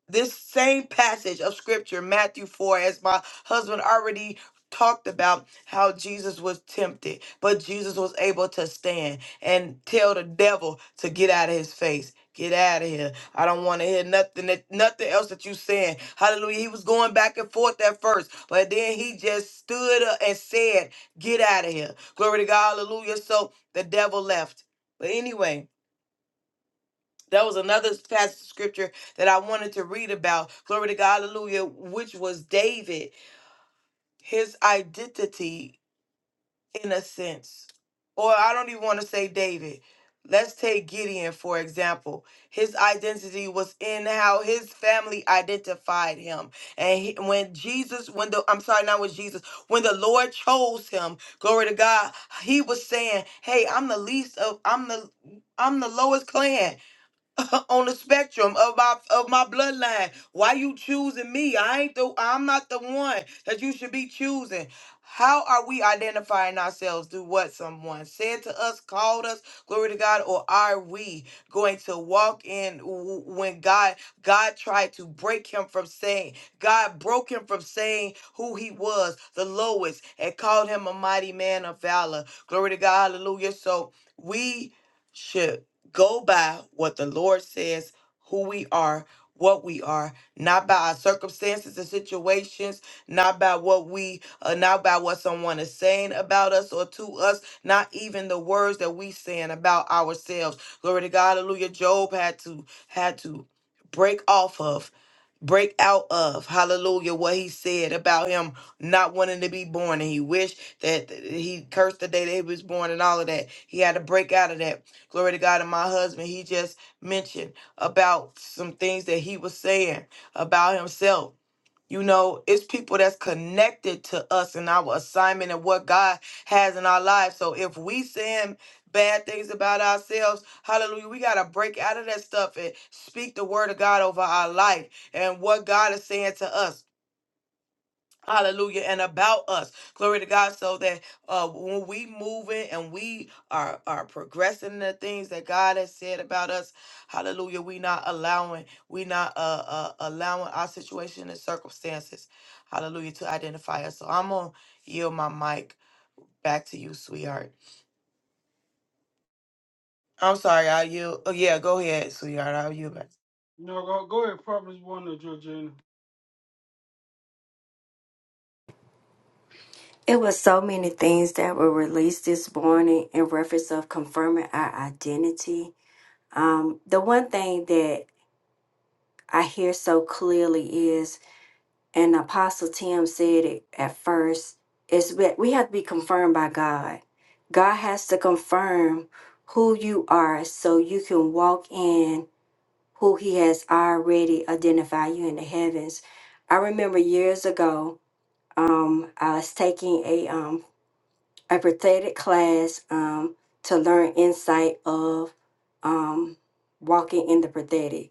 this same passage of scripture, Matthew 4, as my husband already talked about how Jesus was tempted, but Jesus was able to stand and tell the devil to get out of his face. Get out of here. I don't want to hear nothing that nothing else that you saying. Hallelujah. He was going back and forth at first, but then he just stood up and said, Get out of here. Glory to God. Hallelujah. So the devil left. But anyway, that was another passage of scripture that I wanted to read about. Glory to God, hallelujah, which was David, his identity in a sense. Or I don't even want to say David. Let's take Gideon, for example. His identity was in how his family identified him. And he, when Jesus, when the, I'm sorry, not with Jesus, when the Lord chose him, glory to God, he was saying, Hey, I'm the least of, I'm the, I'm the lowest clan. on the spectrum of my of my bloodline. Why you choosing me? I ain't the I'm not the one that you should be choosing. How are we identifying ourselves through what someone said to us, called us, glory to God, or are we going to walk in w- when God God tried to break him from saying, God broke him from saying who he was, the lowest, and called him a mighty man of valor. Glory to God, hallelujah. So we should go by what the Lord says, who we are, what we are, not by our circumstances and situations, not by what we, uh, not by what someone is saying about us or to us, not even the words that we saying about ourselves. Glory to God, Hallelujah. Job had to had to break off of. Break out of hallelujah what he said about him not wanting to be born, and he wished that he cursed the day that he was born, and all of that. He had to break out of that Glory to God. And my husband, he just mentioned about some things that he was saying about himself. You know, it's people that's connected to us and our assignment and what God has in our lives. So if we saying bad things about ourselves, hallelujah, we got to break out of that stuff and speak the word of God over our life and what God is saying to us. Hallelujah. And about us. Glory to God. So that uh when we moving and we are are progressing the things that God has said about us, hallelujah. We not allowing, we not uh, uh allowing our situation and circumstances, hallelujah, to identify us. So I'm gonna yield my mic back to you, sweetheart. I'm sorry, I'll yield oh yeah, go ahead, sweetheart. I'll yield back.
There were so many things that were released this morning in reference of confirming our identity. Um, the one thing that I hear so clearly is, and Apostle Tim said it at first, is that we have to be confirmed by God. God has to confirm who you are so you can walk in who He has already identified you in the heavens. I remember years ago, um, I was taking a um, a prophetic class um, to learn insight of um, walking in the prophetic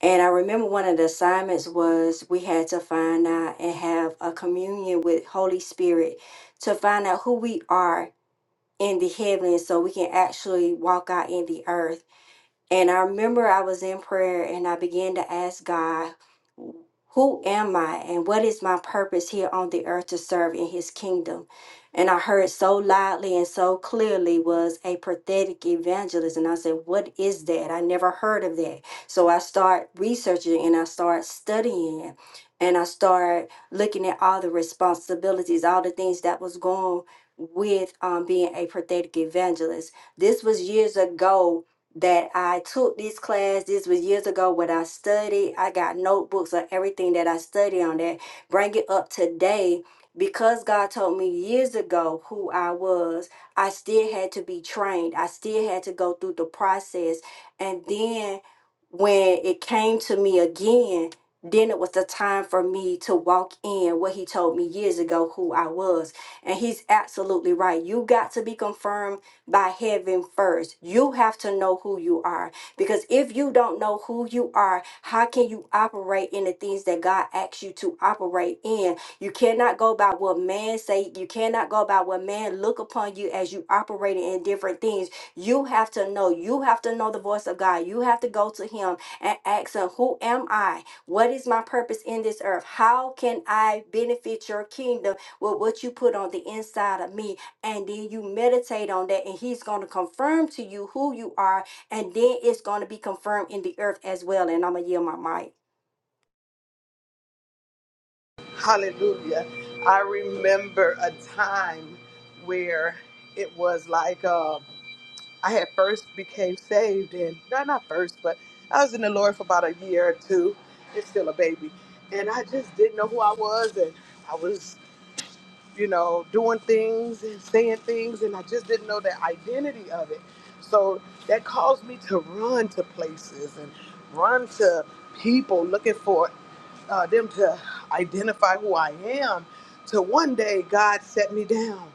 And I remember one of the assignments was we had to find out and have a communion with Holy Spirit to find out who we are in the heavens so we can actually walk out in the earth. And I remember I was in prayer and I began to ask God who am I and what is my purpose here on the earth to serve in his kingdom? And I heard so loudly and so clearly was a prophetic evangelist. And I said, What is that? I never heard of that. So I start researching and I start studying it. and I start looking at all the responsibilities, all the things that was going with um, being a prophetic evangelist. This was years ago that I took this class. This was years ago what I studied. I got notebooks of everything that I studied on that. Bring it up today because God told me years ago who I was. I still had to be trained. I still had to go through the process. And then when it came to me again, then it was the time for me to walk in what he told me years ago who I was. And he's absolutely right. You got to be confirmed by heaven first. You have to know who you are. Because if you don't know who you are, how can you operate in the things that God asks you to operate in? You cannot go by what man say. You cannot go by what man look upon you as you operating in different things. You have to know. You have to know the voice of God. You have to go to him and ask him, who am I? What is my purpose in this earth? How can I benefit your kingdom with what you put on the inside of me? and then you meditate on that and he's going to confirm to you who you are and then it's going to be confirmed in the earth as well and i'm gonna yield my mic
Hallelujah. I remember a time where it was like, I had first became saved and not not first, but I was in the Lord for about a year or two. It's still a baby, and I just didn't know who I was, and I was, you know, doing things and saying things, and I just didn't know the identity of it. So that caused me to run to places and run to people looking for uh, them to identify who I am. Till one day God set me down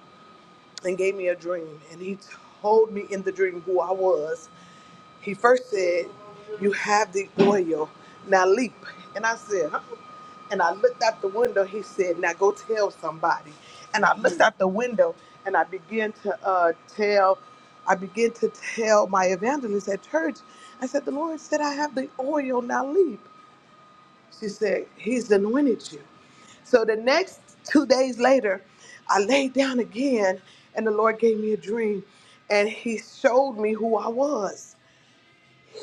and gave me a dream, and He told me in the dream who I was he first said, You have the oil. Now leap. And I said, huh? And I looked out the window. He said, Now go tell somebody. And I looked out the window and I began to uh, tell, I began to tell my evangelist at church. I said, The Lord said, I have the oil. Now leap. She said, He's anointed you. So the next two days later, I laid down again, and the Lord gave me a dream, and He showed me who I was.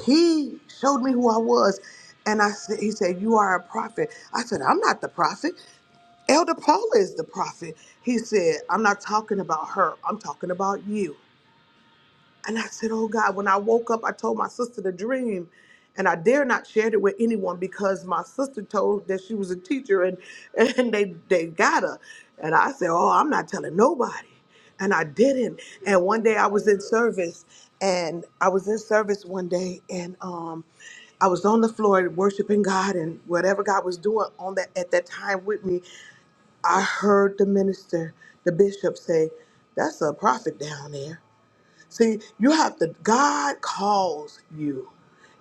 He showed me who I was. And I said, he said, You are a prophet. I said, I'm not the prophet. Elder Paul is the prophet. He said, I'm not talking about her. I'm talking about you. And I said, Oh God, when I woke up, I told my sister the dream. And I dare not share it with anyone because my sister told that she was a teacher and, and they, they got her. And I said, Oh, I'm not telling nobody. And I didn't. And one day I was in service and I was in service one day and um, I was on the floor worshiping God and whatever God was doing on that at that time with me, I heard the minister, the bishop say, That's a prophet down there. See, you have to, God calls you.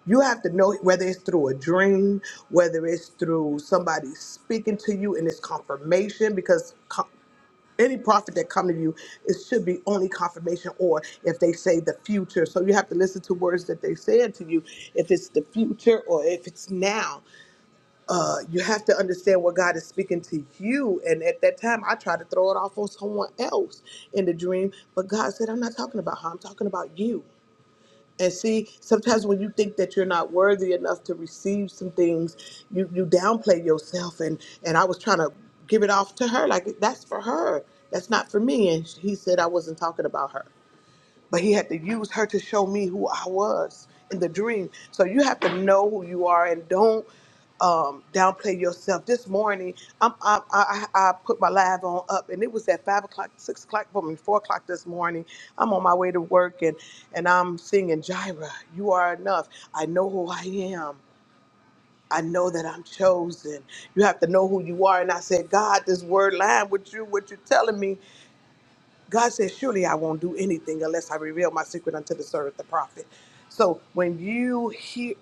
You have to know whether it's through a dream, whether it's through somebody speaking to you and it's confirmation, because co- any prophet that come to you, it should be only confirmation, or if they say the future. So you have to listen to words that they said to you. If it's the future or if it's now, uh, you have to understand what God is speaking to you. And at that time, I tried to throw it off on someone else in the dream, but God said, "I'm not talking about her. I'm talking about you." And see, sometimes when you think that you're not worthy enough to receive some things, you you downplay yourself. And and I was trying to give it off to her, like that's for her, that's not for me. And he said I wasn't talking about her but he had to use her to show me who I was in the dream. So you have to know who you are and don't um, downplay yourself. This morning, I'm, I'm, I, I I put my live on up, and it was at five o'clock, six o'clock for me, four o'clock this morning. I'm on my way to work, and and I'm singing Jira. You are enough. I know who I am. I know that I'm chosen. You have to know who you are. And I said, God, this word line with you, what you're telling me. God said, Surely I won't do anything unless I reveal my secret unto the servant, the prophet. So when you hear,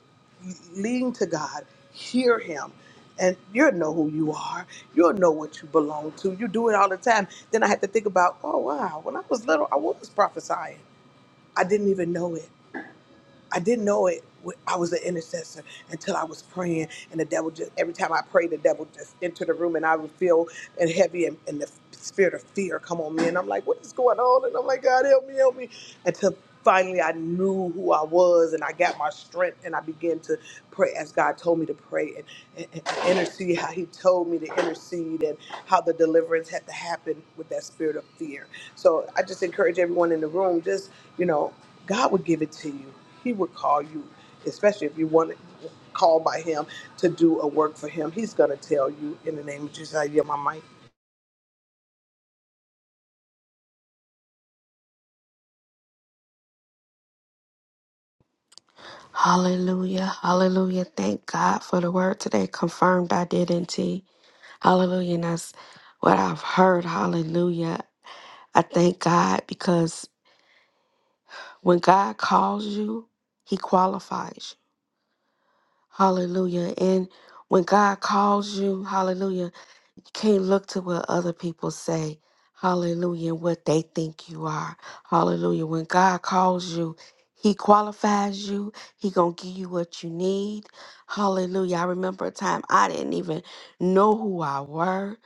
lean to God, hear Him, and you'll know who you are. You'll know what you belong to. You do it all the time. Then I had to think about, oh, wow, when I was little, I was prophesying. I didn't even know it. I didn't know it. I was an intercessor until I was praying, and the devil just every time I prayed, the devil just entered the room, and I would feel and heavy and, and the spirit of fear come on me, and I'm like, what is going on? And I'm like, God help me, help me, until finally I knew who I was, and I got my strength, and I began to pray as God told me to pray and, and and intercede, how He told me to intercede, and how the deliverance had to happen with that spirit of fear. So I just encourage everyone in the room, just, you know, God would give it to you. He would call you, especially if you want to call by him to do a work for him. He's going to tell you in the name of Jesus, I yield my mic.
Hallelujah. Hallelujah. Thank God for the word today. Confirmed identity. Hallelujah. And that's what I've heard. Hallelujah. I thank God because when God calls you, he qualifies you. Hallelujah. And when God calls you, hallelujah. You can't look to what other people say. Hallelujah. And What they think you are. Hallelujah. When God calls you, he qualifies you. He going to give you what you need. Hallelujah. I remember a time I didn't even know who I were.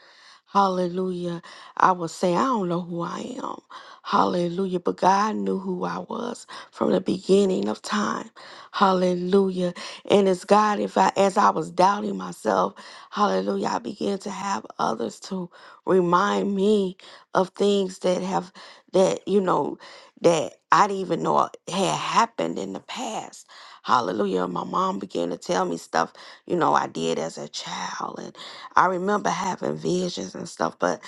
Hallelujah. I was saying, I don't know who I am. Hallelujah. But God knew who I was from the beginning of time. Hallelujah. And it's God, if I as I was doubting myself, Hallelujah. I begin to have others to remind me of things that have, that, you know, that I didn't even know had happened in the past. Hallelujah. My mom began to tell me stuff, you know, I did as a child. And I remember having visions and stuff, but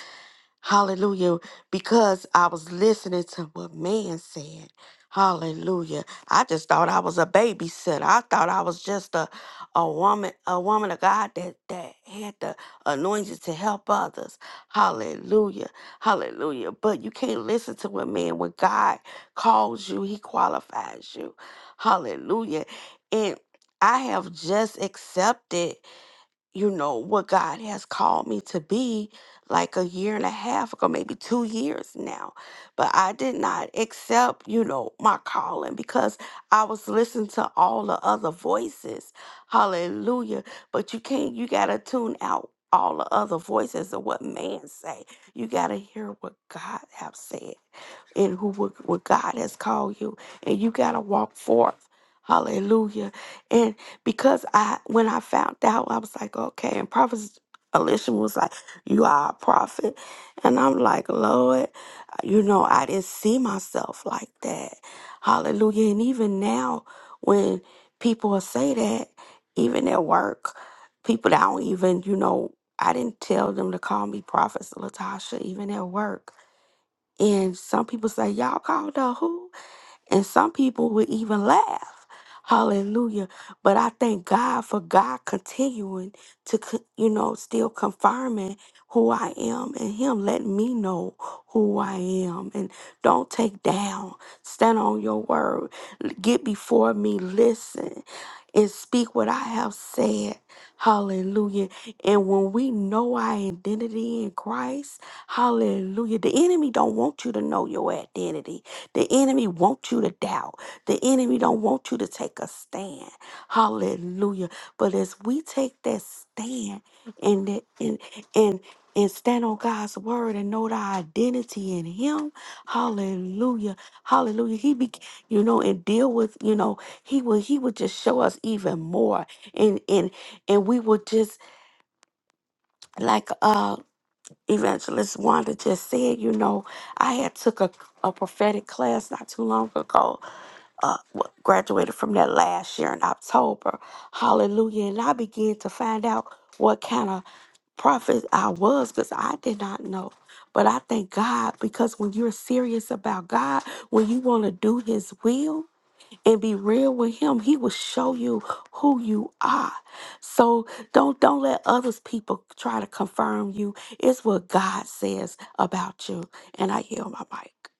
Hallelujah. Because I was listening to what man said. Hallelujah. I just thought I was a babysitter. I thought I was just a, a woman, a woman of God that, that had the anointing to help others. Hallelujah. Hallelujah. But you can't listen to what man, when God calls you, he qualifies you. Hallelujah. And I have just accepted you know, what God has called me to be like a year and a half ago, maybe two years now. But I did not accept, you know, my calling because I was listening to all the other voices. Hallelujah. But you can't, you got to tune out all the other voices of what man say. You got to hear what God have said in who what, what God has called you, and you gotta walk forth. Hallelujah. And because I when I found out, I was like, okay, and Prophet Elisha was like, You are a prophet. And I'm like, Lord, you know, I didn't see myself like that. Hallelujah. And even now when people will say that, even at work, people that don't even, you know, I didn't tell them to call me Prophet Latasha, even at work. And some people say, Y'all called the who? And some people would even laugh. Hallelujah. But I thank God for God continuing to, co- you know, still confirming who I am and Him letting me know who I am. And don't take down, stand on your word, L- get before me, listen, and speak what I have said. Hallelujah. And when we know our identity in Christ, hallelujah, the enemy don't want you to know your identity. The enemy wants you to doubt. The enemy don't want you to take a stand. Hallelujah. But as we take that stand and that- and and and stand on God's word and know the identity in him. Hallelujah. Hallelujah. He be you know and deal with, you know, he will he would just show us even more. And and and we would just like uh evangelist Wanda just said, you know, I had took a, a prophetic class not too long ago uh, w- graduated from that last year in October. Hallelujah. And I began to find out what kind of prophet I was because I did not know. But I thank God because when you're serious about God, when you want to do His will and be real with Him, He will show you who you are. So don't don't let others people try to confirm you. It's what God says about you. And I hear my mic.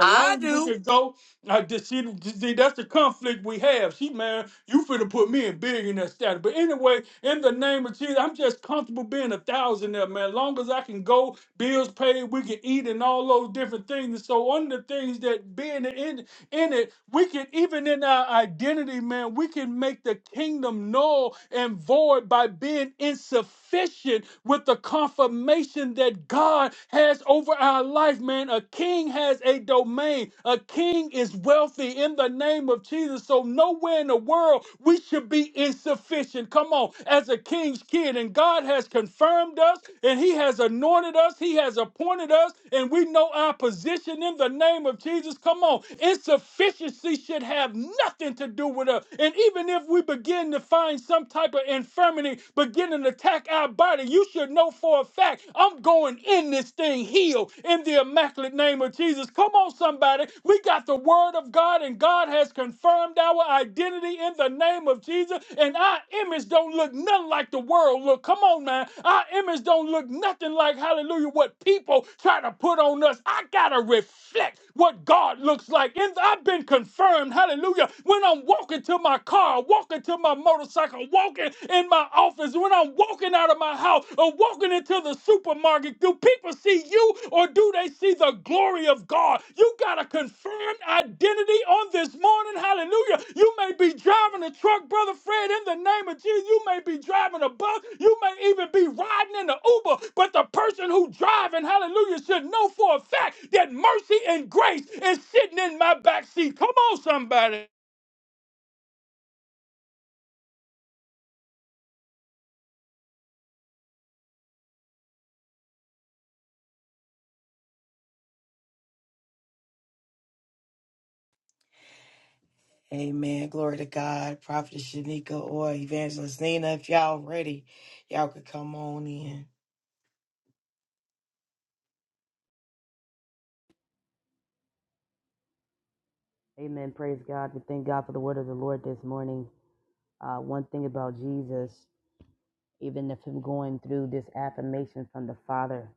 I do. Amen. Glory to God. Prophet Shanika or Evangelist Nina, if y'all ready, y'all could come on in.
Amen. Praise God. We thank God for the word of the Lord this morning. Uh, one thing about Jesus, even of him going through this affirmation from the Father,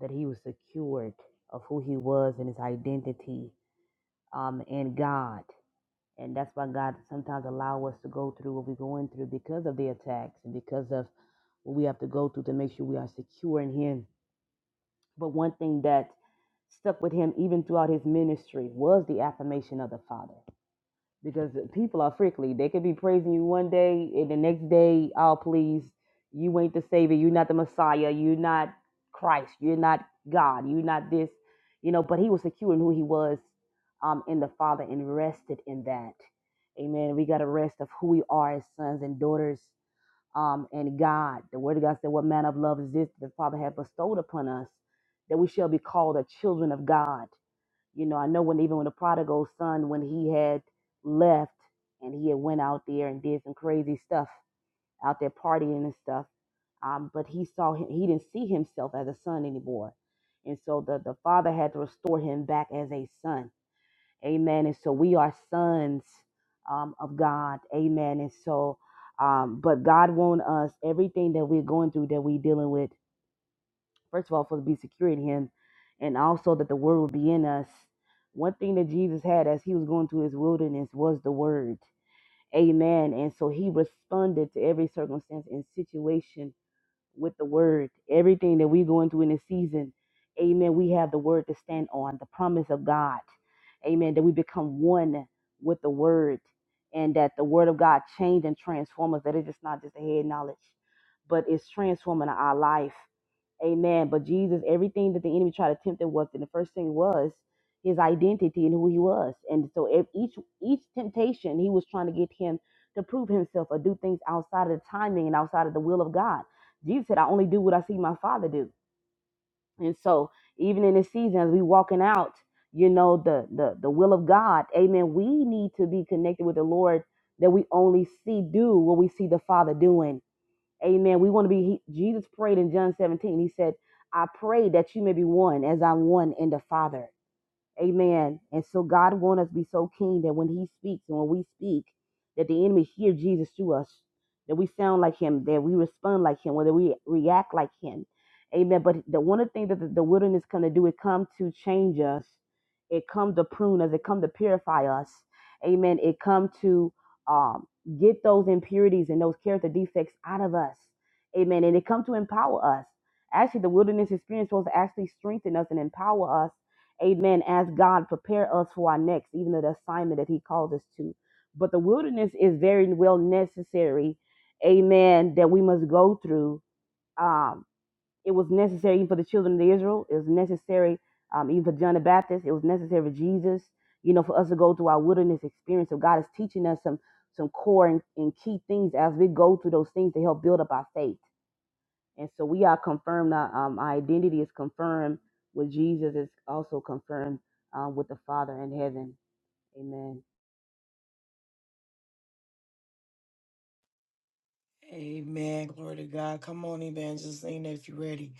that he was secured of who he was and his identity um, in God. And that's why God sometimes allow us to go through what we're going through because of the attacks and because of what we have to go through to make sure we are secure in him. But one thing that stuck with him even throughout his ministry was the affirmation of the Father because people are freakly. They could be praising you one day, and the next day, oh please, you ain't the savior, you're not the Messiah, you're not Christ, you're not God, you're not this, you know. But he was secure in who he was um, in the Father and rested in that. Amen. We got a rest of who we are as sons and daughters um, and God. The Word of God said, "What manner of love is this that the Father hath bestowed upon us, that we shall be called the children of God." you know, I know when even when the prodigal son, when he had left and he had went out there and did some crazy stuff out there partying and stuff, um, but he saw him, he didn't see himself as a son anymore, and so the the father had to restore him back as a son. Amen. And so we are sons um, of God. Amen. And so, um, but God wants us everything that we're going through that we're dealing with first of all, for us to be secure in Him, and also that the Word would be in us. One thing that Jesus had as He was going through His wilderness was the Word. Amen. And so He responded to every circumstance and situation with the Word. Everything that we're going through in this season, Amen. We have the Word to stand on, the promise of God. Amen. That we become one with the Word. And that the word of God change and transform us, that it's just not just a head knowledge, but it's transforming our life. Amen. But Jesus, everything that the enemy tried to tempt him was, and the first thing was his identity and who he was. And so if each each temptation, he was trying to get him to prove himself or do things outside of the timing and outside of the will of God. Jesus said, I only do what I see my father do. And so even in this season, as we walking out, you know, the the the will of God, amen. We need to be connected with the Lord that we only see do what we see the Father doing Amen. We want to be, he, Jesus prayed in John 17. He said, I pray that you may be one as I'm one in the Father. Amen. And so God wants us to be so keen that when He speaks and when we speak, that the enemy hear Jesus through us, that we sound like Him, that we respond like Him, whether we react like Him. Amen. But the one of the things that the, the wilderness come to do, it come to change us. It come to prune us. It come to purify us. Amen. It come to um, get those impurities and those character defects out of us. Amen. And it come to empower us. Actually, the wilderness experience was to actually strengthen us and empower us Amen. As God prepare us for our next, even the assignment that He called us to. But the wilderness is very well necessary. Amen. That we must go through. Um, it was necessary even for the children of Israel. It was necessary um, even for John the Baptist. It was necessary for Jesus. You know, for us to go through our wilderness experience. So God is teaching us some some core and, and key things as we go through those things to help build up our faith and so we are confirmed, our um, our identity is confirmed with Jesus, is also confirmed um, with the Father in heaven. Amen.
Amen. Glory to God. Come on, Evangelist Nina, if you're ready.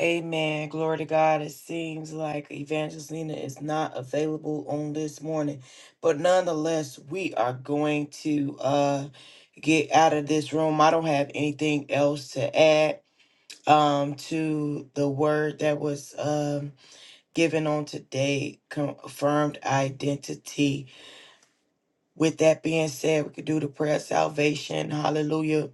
Amen. Glory to God. It seems like Evangelist Nina is not available on this morning, but nonetheless, we are going to uh, get out of this room. I don't have anything else to add um, to the word that was. Um, given on today, confirmed identity. With that being said, we could do the prayer of salvation. Hallelujah.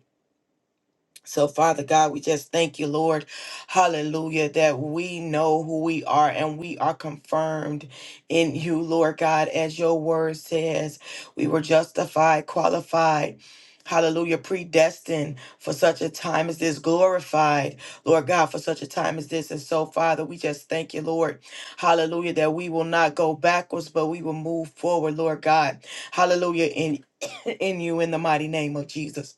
So, Father God, we just thank you, Lord. Hallelujah, that we know who we are and we are confirmed in you, Lord God, as your word says. We were justified, qualified. Hallelujah, predestined for such a time as this, glorified, Lord God, for such a time as this. And so, Father, we just thank you, Lord. Hallelujah, that we will not go backwards, but we will move forward, Lord God. Hallelujah, in, in you, in the mighty name of Jesus.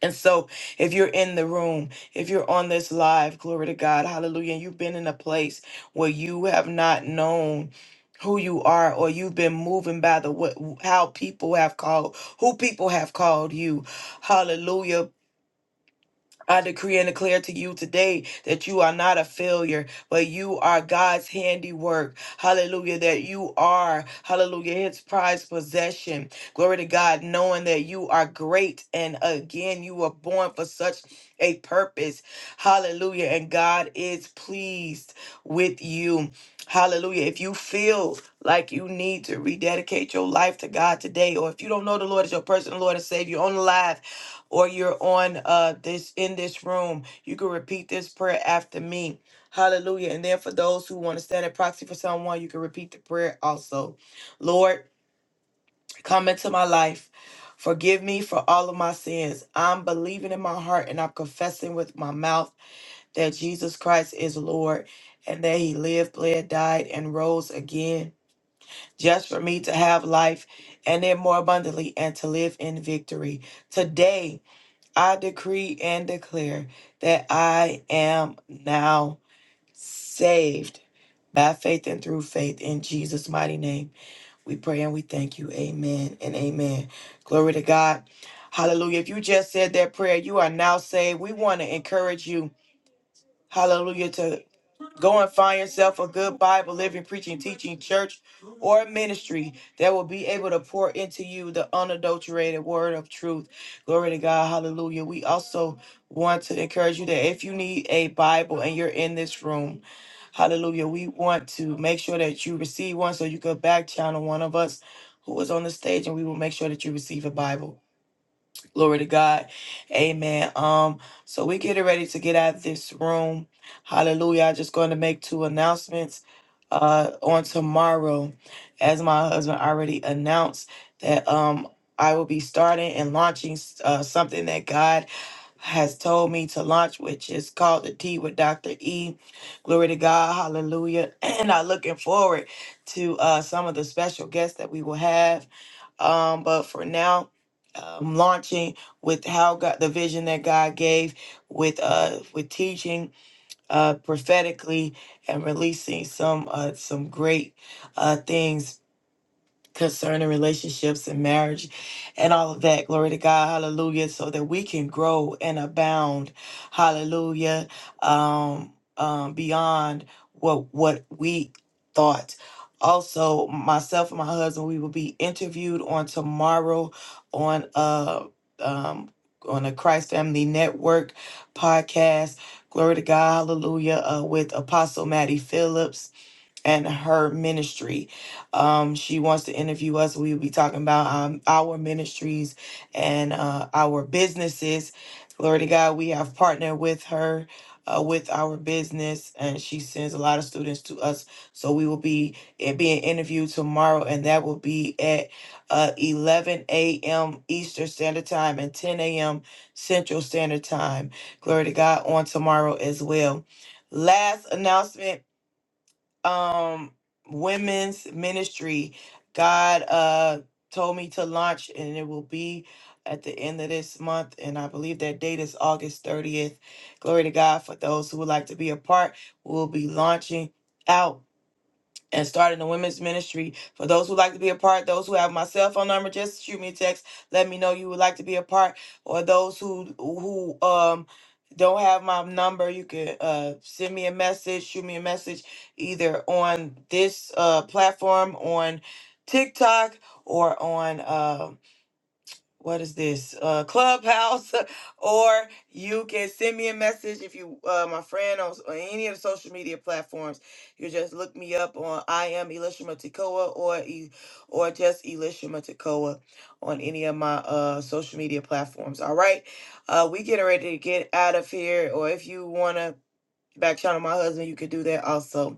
And so, if you're in the room, if you're on this live, glory to God, hallelujah, and you've been in a place where you have not known who you are or you've been moving by the what how people have called who people have called you hallelujah I decree and declare to you today that you are not a failure, but you are God's handiwork. Hallelujah. That you are, hallelujah, his prized possession. Glory to God, knowing that you are great. And again, you were born for such a purpose. Hallelujah. And God is pleased with you. Hallelujah. If you feel like you need to rededicate your life to God today, or if you don't know the Lord as your personal Lord and Savior, on live or you're on uh this in this room, you can repeat this prayer after me. Hallelujah. And then for those who want to stand in proxy for someone, you can repeat the prayer also. Lord, come into my life. Forgive me for all of my sins. I'm believing in my heart and I'm confessing with my mouth that Jesus Christ is Lord and that he lived, bled, died, and rose again just for me to have life and then more abundantly and to live in victory. Today, I decree and declare that I am now saved by faith and through faith in Jesus' mighty name. We pray and we thank you. Amen and amen. Glory to God. Hallelujah. If you just said that prayer, you are now saved. We want to encourage you. Hallelujah. To go and find yourself a good Bible, living, preaching, teaching church or ministry that will be able to pour into you the unadulterated word of truth. Glory to God. Hallelujah. We also want to encourage you that if you need a Bible and you're in this room, Hallelujah. We want to make sure that you receive one so you can back channel one of us who is on the stage and we will make sure that you receive a Bible. Glory to God. Amen. Um, so we getting ready to get out of this room. Hallelujah. I'm just going to make two announcements uh on tomorrow. As my husband already announced that um I will be starting and launching uh, something that God has told me to launch, which is called the Tea with Dr. E. Glory to God, hallelujah. And I'm looking forward to uh, some of the special guests that we will have um, but for now, I'm launching with how God, the vision that God gave, with uh, with teaching uh prophetically and releasing some uh some great uh things concerning relationships and marriage and all of that. Glory to God. Hallelujah. So that we can grow and abound. Hallelujah. Um, um, beyond what what we thought. Also, myself and my husband, we will be interviewed on tomorrow on uh um on a Christ Family Network podcast. Glory to God, hallelujah, uh, with Apostle Maddie Phillips and her ministry. Um, she wants to interview us. We will be talking about um, our ministries and uh, our businesses. Glory to God, we have partnered with her. Uh, with our business, and she sends a lot of students to us. So we will be eh, being interviewed tomorrow, and that will be at uh, 11 a.m. Eastern Standard Time and 10 a.m. Central Standard Time. Glory to God on tomorrow as well. Last announcement um women's ministry god uh told me to launch and it will be at the end of this month and i believe that date is august 30th glory to god for those who would like to be a part we'll be launching out and starting the women's ministry. For those who like to be a part, those who have my cell phone number, just shoot me a text. Let me know you would like to be a part, or those who who um don't have my number, you can uh send me a message, shoot me a message either on this uh platform on TikTok or on um what is this uh clubhouse or you can send me a message if you uh my friend on, s- on any of the social media platforms you just look me up on i am elisha matikoa or e or just elisha matikoa on any of my uh social media platforms all right uh we getting ready to get out of here or if you want to back channel my husband you could do that also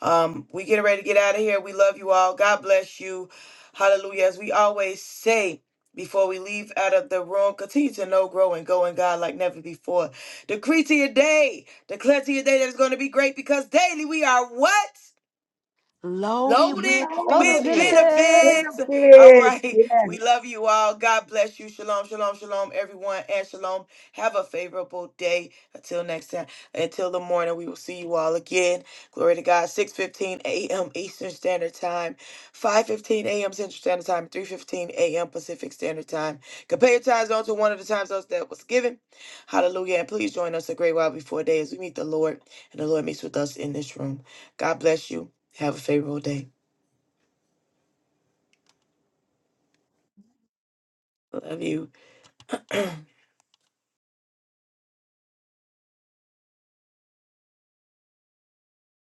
um, we getting ready to get out of here. We love you all. God bless you. Hallelujah. As we always say before we leave out of the room, continue to know, grow, and go in God like never before. Decree to your day. Declare to your day that it's going to be great because daily we are what? loaded
No,
Load of
with
we
benefits.
benefits. All
benefits.
right.
Yes.
We love you all. God bless you. Shalom, shalom, shalom, everyone. And shalom. Have a favorable day. Until next time. Until the morning, we will see you all again. Glory to God. 6.15 a.m. Eastern Standard Time. 5.15 a.m. Central Standard Time. 3.15 a.m. Pacific Standard Time. Compare your time zone to one of the time zones that was given. Hallelujah. And please join us a great while before day as we meet the Lord and the Lord meets with us in this room. God bless you. Have a favorable day. Love you.